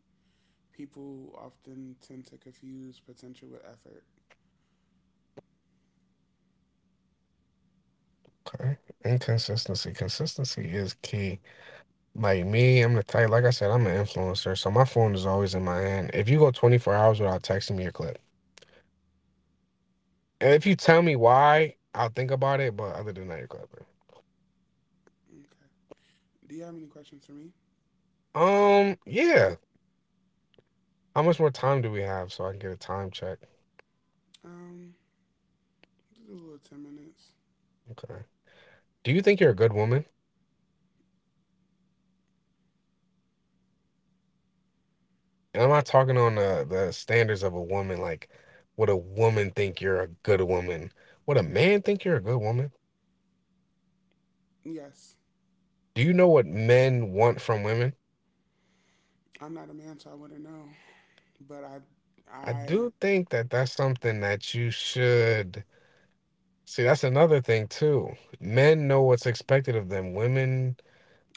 People often tend to confuse potential with effort.
okay. Inconsistency, consistency is key. Like me, I'm the type. Like I said, I'm an influencer, so my phone is always in my hand. If you go twenty-four hours without texting me a clip, and if you tell me why, I'll think about it. But other than that, you're clipping.
Okay. Do you have any questions for me?
Um, yeah. How much more time do we have so I can get a time check?
Um, just do a little ten minutes.
Okay. Do you think you're a good woman? And I'm not talking on the, the standards of a woman, like would a woman think you're a good woman? Would a man think you're a good woman?
Yes.
Do you know what men want from women?
I'm not a man, so I wouldn't know. But I,
I
I,
do think that that's something that you should see. That's another thing, too. Men know what's expected of them. Women,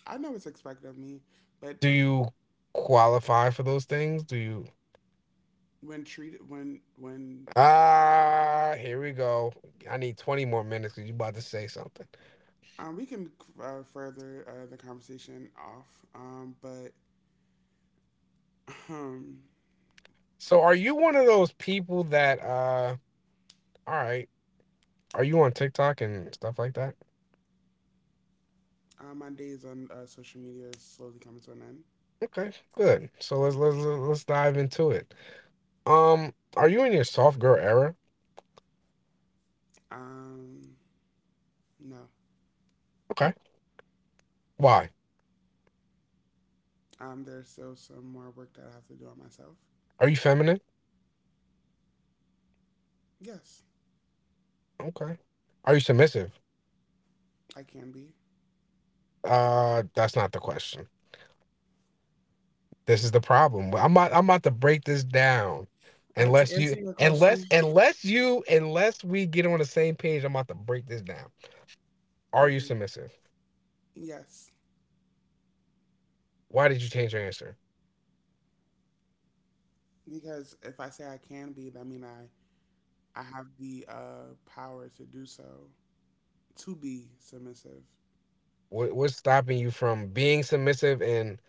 I know it's expected of me. But
do you qualify for those things? Do you?
when treated, when when
Ah, here we go. I need twenty more minutes because you about to say something.
um, we can uh, further uh, the conversation off. Um, but um,
So are you one of those people that uh all right, are you on TikTok and stuff like that?
uh, my days on uh, social media is slowly coming to an end.
Okay, good. So let's let's let's dive into it. Um are you in your soft girl era?
Um, no,
Okay. Why?
um, there's still some more work that I have to do on myself.
Are you feminine?
Yes,
Okay. Are you submissive?
I can be.
Uh that's not the question. This is the problem. I'm about I'm about to break this down.
All right, to
Unless you
answer your question,
unless unless you unless we get on the same page, I'm about to break this down. Are you
okay,
submissive?
yes,
Why did you change your answer?
because if I say I can be, that mean I I have the uh, power to do so, to be submissive.
What what's stopping you from being submissive and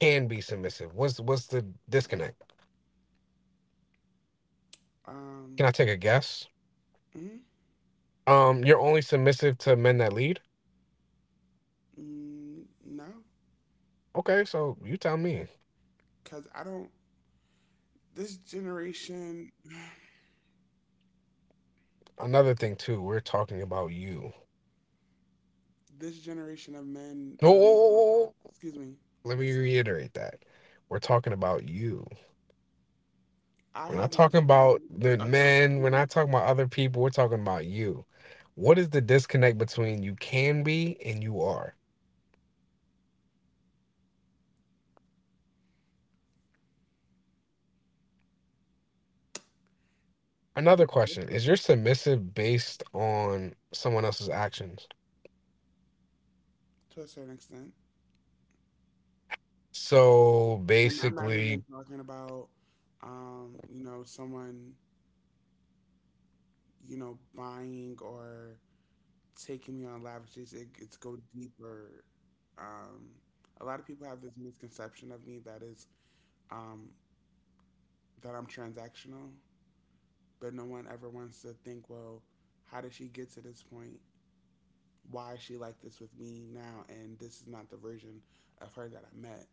can be submissive? What's what's the disconnect? Can
Um,
I take a guess?
mm,
Um, you're only submissive to men that lead.
mm, no,
Okay, so you tell me.
because I don't. This generation,
Another thing too, we're talking about you.
this generation of men.
No, whoa,
Um,
whoa, whoa, whoa.
excuse me.
Let me
Listen,
reiterate that. We're talking about you.
I
We're not
haven't
talking
found.
about the
Okay,
men.
excuse
We're
me.
not talking about other people. We're talking about you. What is the disconnect between you can be and you are? Another
The
question. Is
difference
your submissive based on someone else's actions?
to a certain extent,
So
and I'm not even
basically,
talking about, um, you know, someone, you know, buying or taking me on lavishes. It, it's go deeper. Um, a lot of people have this misconception of me that is um, that I'm transactional, but no one ever wants to think, well, how did she get to this point? Why is she like this with me now? And this is not the version of her that I met.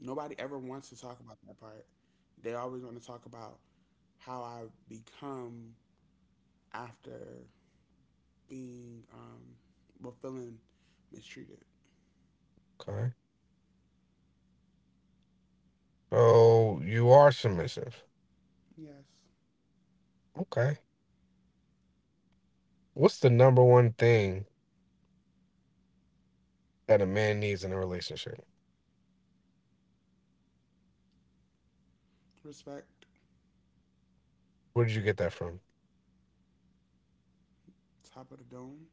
Nobody ever wants to talk about that part. They always want to talk about how I've become after being, um, well, feeling mistreated.
okay. So you are submissive.
Yes.
Okay. What's the number one thing that a man needs in a relationship?
Respect,
Where did you get that from?
top of the dome.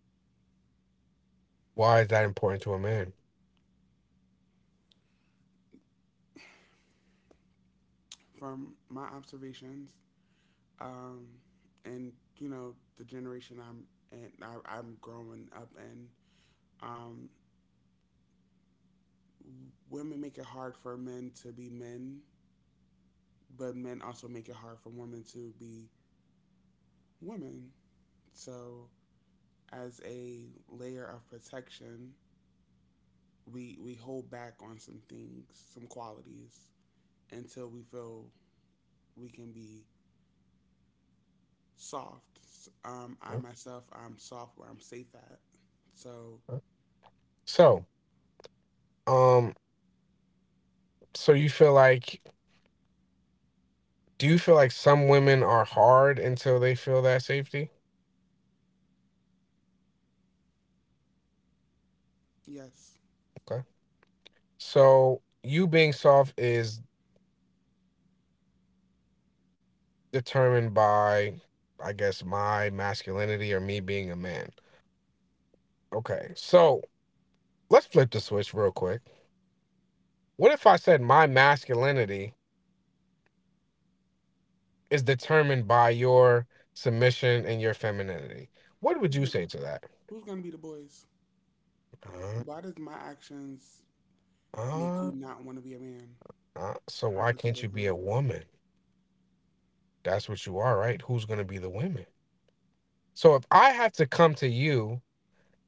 Why is that important to a man?
From my observations, um, and you know the generation I'm and I, I'm growing up in, um, women make it hard for men to be men, but men also make it hard for women to be women. So as a layer of protection, we we hold back on some things, some qualities until we feel we can be soft. Um, I myself, I'm soft where I'm safe at. So
Okay. So, um, so you feel like, do you feel like some women are hard until they feel that safety?
yes,
Okay. So you being soft is determined by, I guess, my masculinity or me being a man. Okay, so let's flip the switch real quick. What if I said my masculinity is determined by your submission and your femininity? What would
who's
you
gonna,
say to that?
who's gonna be the boys?
Uh,
Why does my actions make you
uh,
not want to be a man?
uh, so why can't you be
Hypothetically,
a woman? That's what you are, right? Who's going to be the women? So if I have to come to you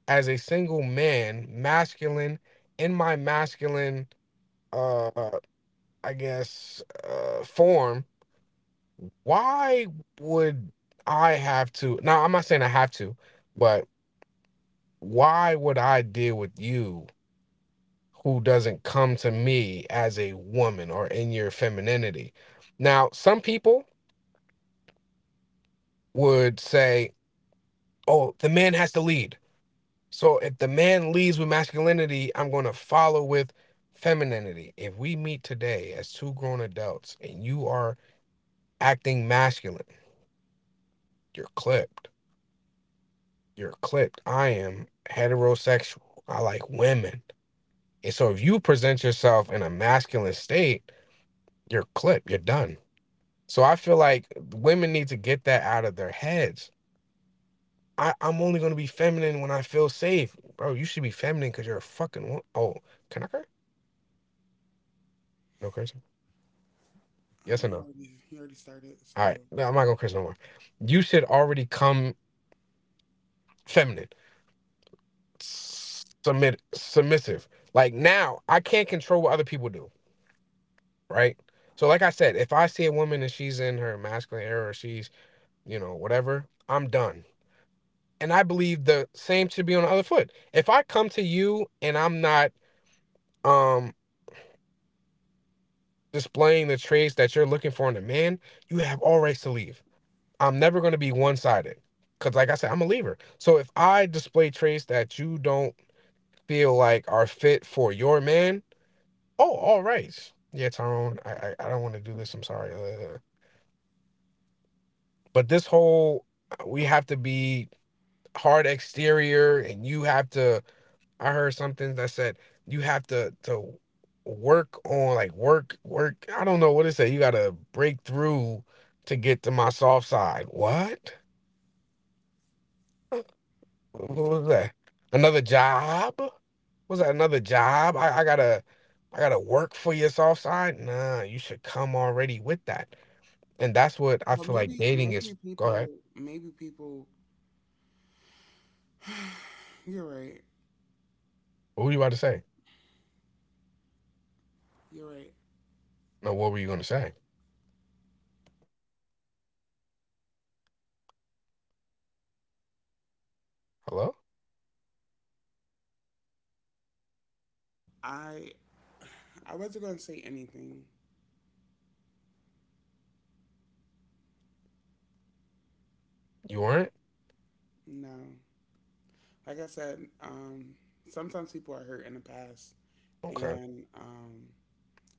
as a single man, masculine, in my masculine uh I guess, uh, form, why would I have to? Now, I'm not saying I have to, but why would I deal with you who doesn't come to me as a woman or in your femininity? Now, some people would say, oh, the man has to lead. So if the man leads with masculinity, I'm going to follow with femininity. If we meet today as two grown adults and you are acting masculine, you're clipped you're clipped. I am heterosexual. I like women. And so if you present yourself in a masculine state, you're clipped. You're done. So I feel like women need to get that out of their heads. I, I'm only gonna be feminine when I feel safe. Bro, you should be feminine because you're a fucking woman. Oh, can I curse? No cursing.
um,
Yes or
you
no?
already you already started. So
All right. No, I'm not gonna curse no more. You should already come feminine. Submit submissive. Like now, I can't control what other people do. Right? So, like I said, if I see a woman and she's in her masculine era or she's, you know, whatever, I'm done. And I believe the same should be on the other foot. If I come to you and I'm not um displaying the traits that you're looking for in a man, you have all rights to leave. I'm never gonna be one sided. Cause like I said, I'm a leaver. So if I display traits that you don't feel like are fit for your man, oh, all rights. Yeah, Tyrone, I I, I don't want to do this. I'm sorry. Uh, But this whole uh, we have to be hard exterior and you have to. I heard something that said you have to to work on like work work I don't know what it said. You gotta break through to get to my soft side. What? What
okay.
was that? Another job? Was that another job? I, I gotta I gotta work for your soft side? Nah, you should come already with that. And that's what I
Well,
feel like
maybe
dating is.
maybe
Go ahead.
people maybe people. You're right.
What were you about to say?
You're right.
No, what were you gonna say? Hello?
I I wasn't gonna say anything.
You weren't?
No, like I said, um, sometimes people are hurt in the past,
Okay.
and um,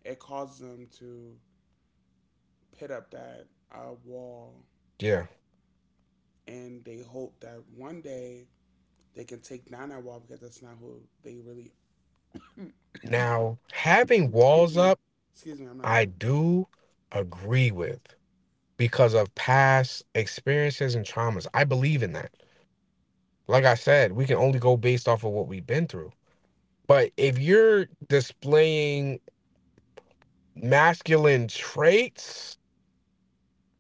it causes them to pit up that uh, wall,
Yeah.
and they hope that one day they can take down that wall because that's not who they really.
Now, having
Excuse
walls
me.
up,
Excuse me, I'm not
I
done.
do agree with because of past experiences and traumas. I believe in that. Like I said, we can only go based off of what we've been through. But if you're displaying masculine traits,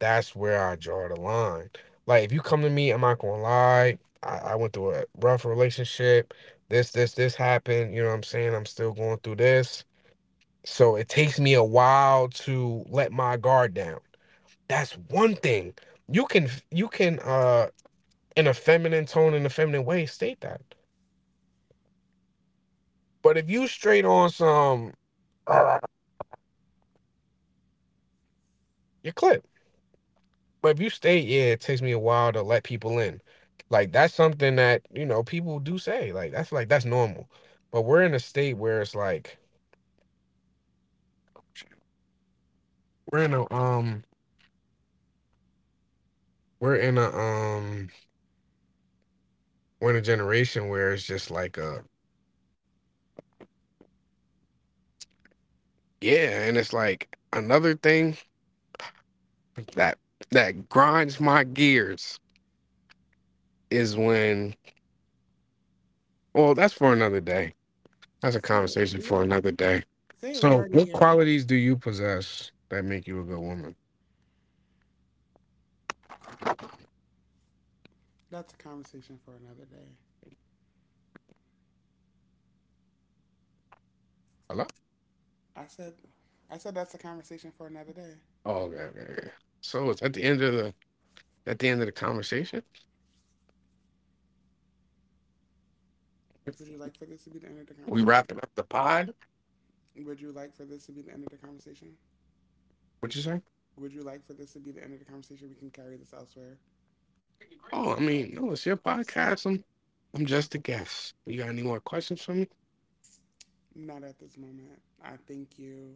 that's where I draw the line. Like, if you come to me, I'm not going to lie. I, I went through a rough relationship. This, this, this happened. You know what I'm saying? I'm still going through this. So it takes me a while to let my guard down. That's one thing. You can you can uh in a feminine tone, in a feminine way state that. But if you straight on some, you clip. But if you state, yeah, it takes me a while to let people in. Like that's something that, you know, people do say. Like that's like that's normal. But we're in a state where it's like we're in a um we're in a um we're in a generation where it's just like uh yeah, and it's like another thing that that grinds my gears is when well that's for another day that's a
Say it.
conversation
We
for
are.
another day.
Say it. We
So
already
what
here.
qualities do you possess that make you a good woman?
That's a conversation for another day.
Hello?
I said, I said that's a conversation for another day.
Oh, okay, okay, okay. So it's at the end of the at the end of the conversation.
Would you like for this to be the end of the
We
conversation?
wrapping up the pod?
Would you like for this to be the end of the conversation?
What you say?
Would you like for this to be the end of the conversation? We can carry this elsewhere.
Oh, I mean, no, it's your podcast. i'm I'm just a guest. You got any more questions for me?
Not at this moment. I thank you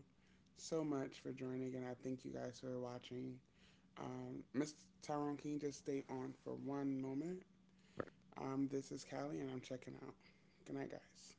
so much for joining, and I thank you guys for watching. Um, Mister Tyrone, can you just stay on for one moment? Um, this is Callie, and I'm checking out. Good night, guys.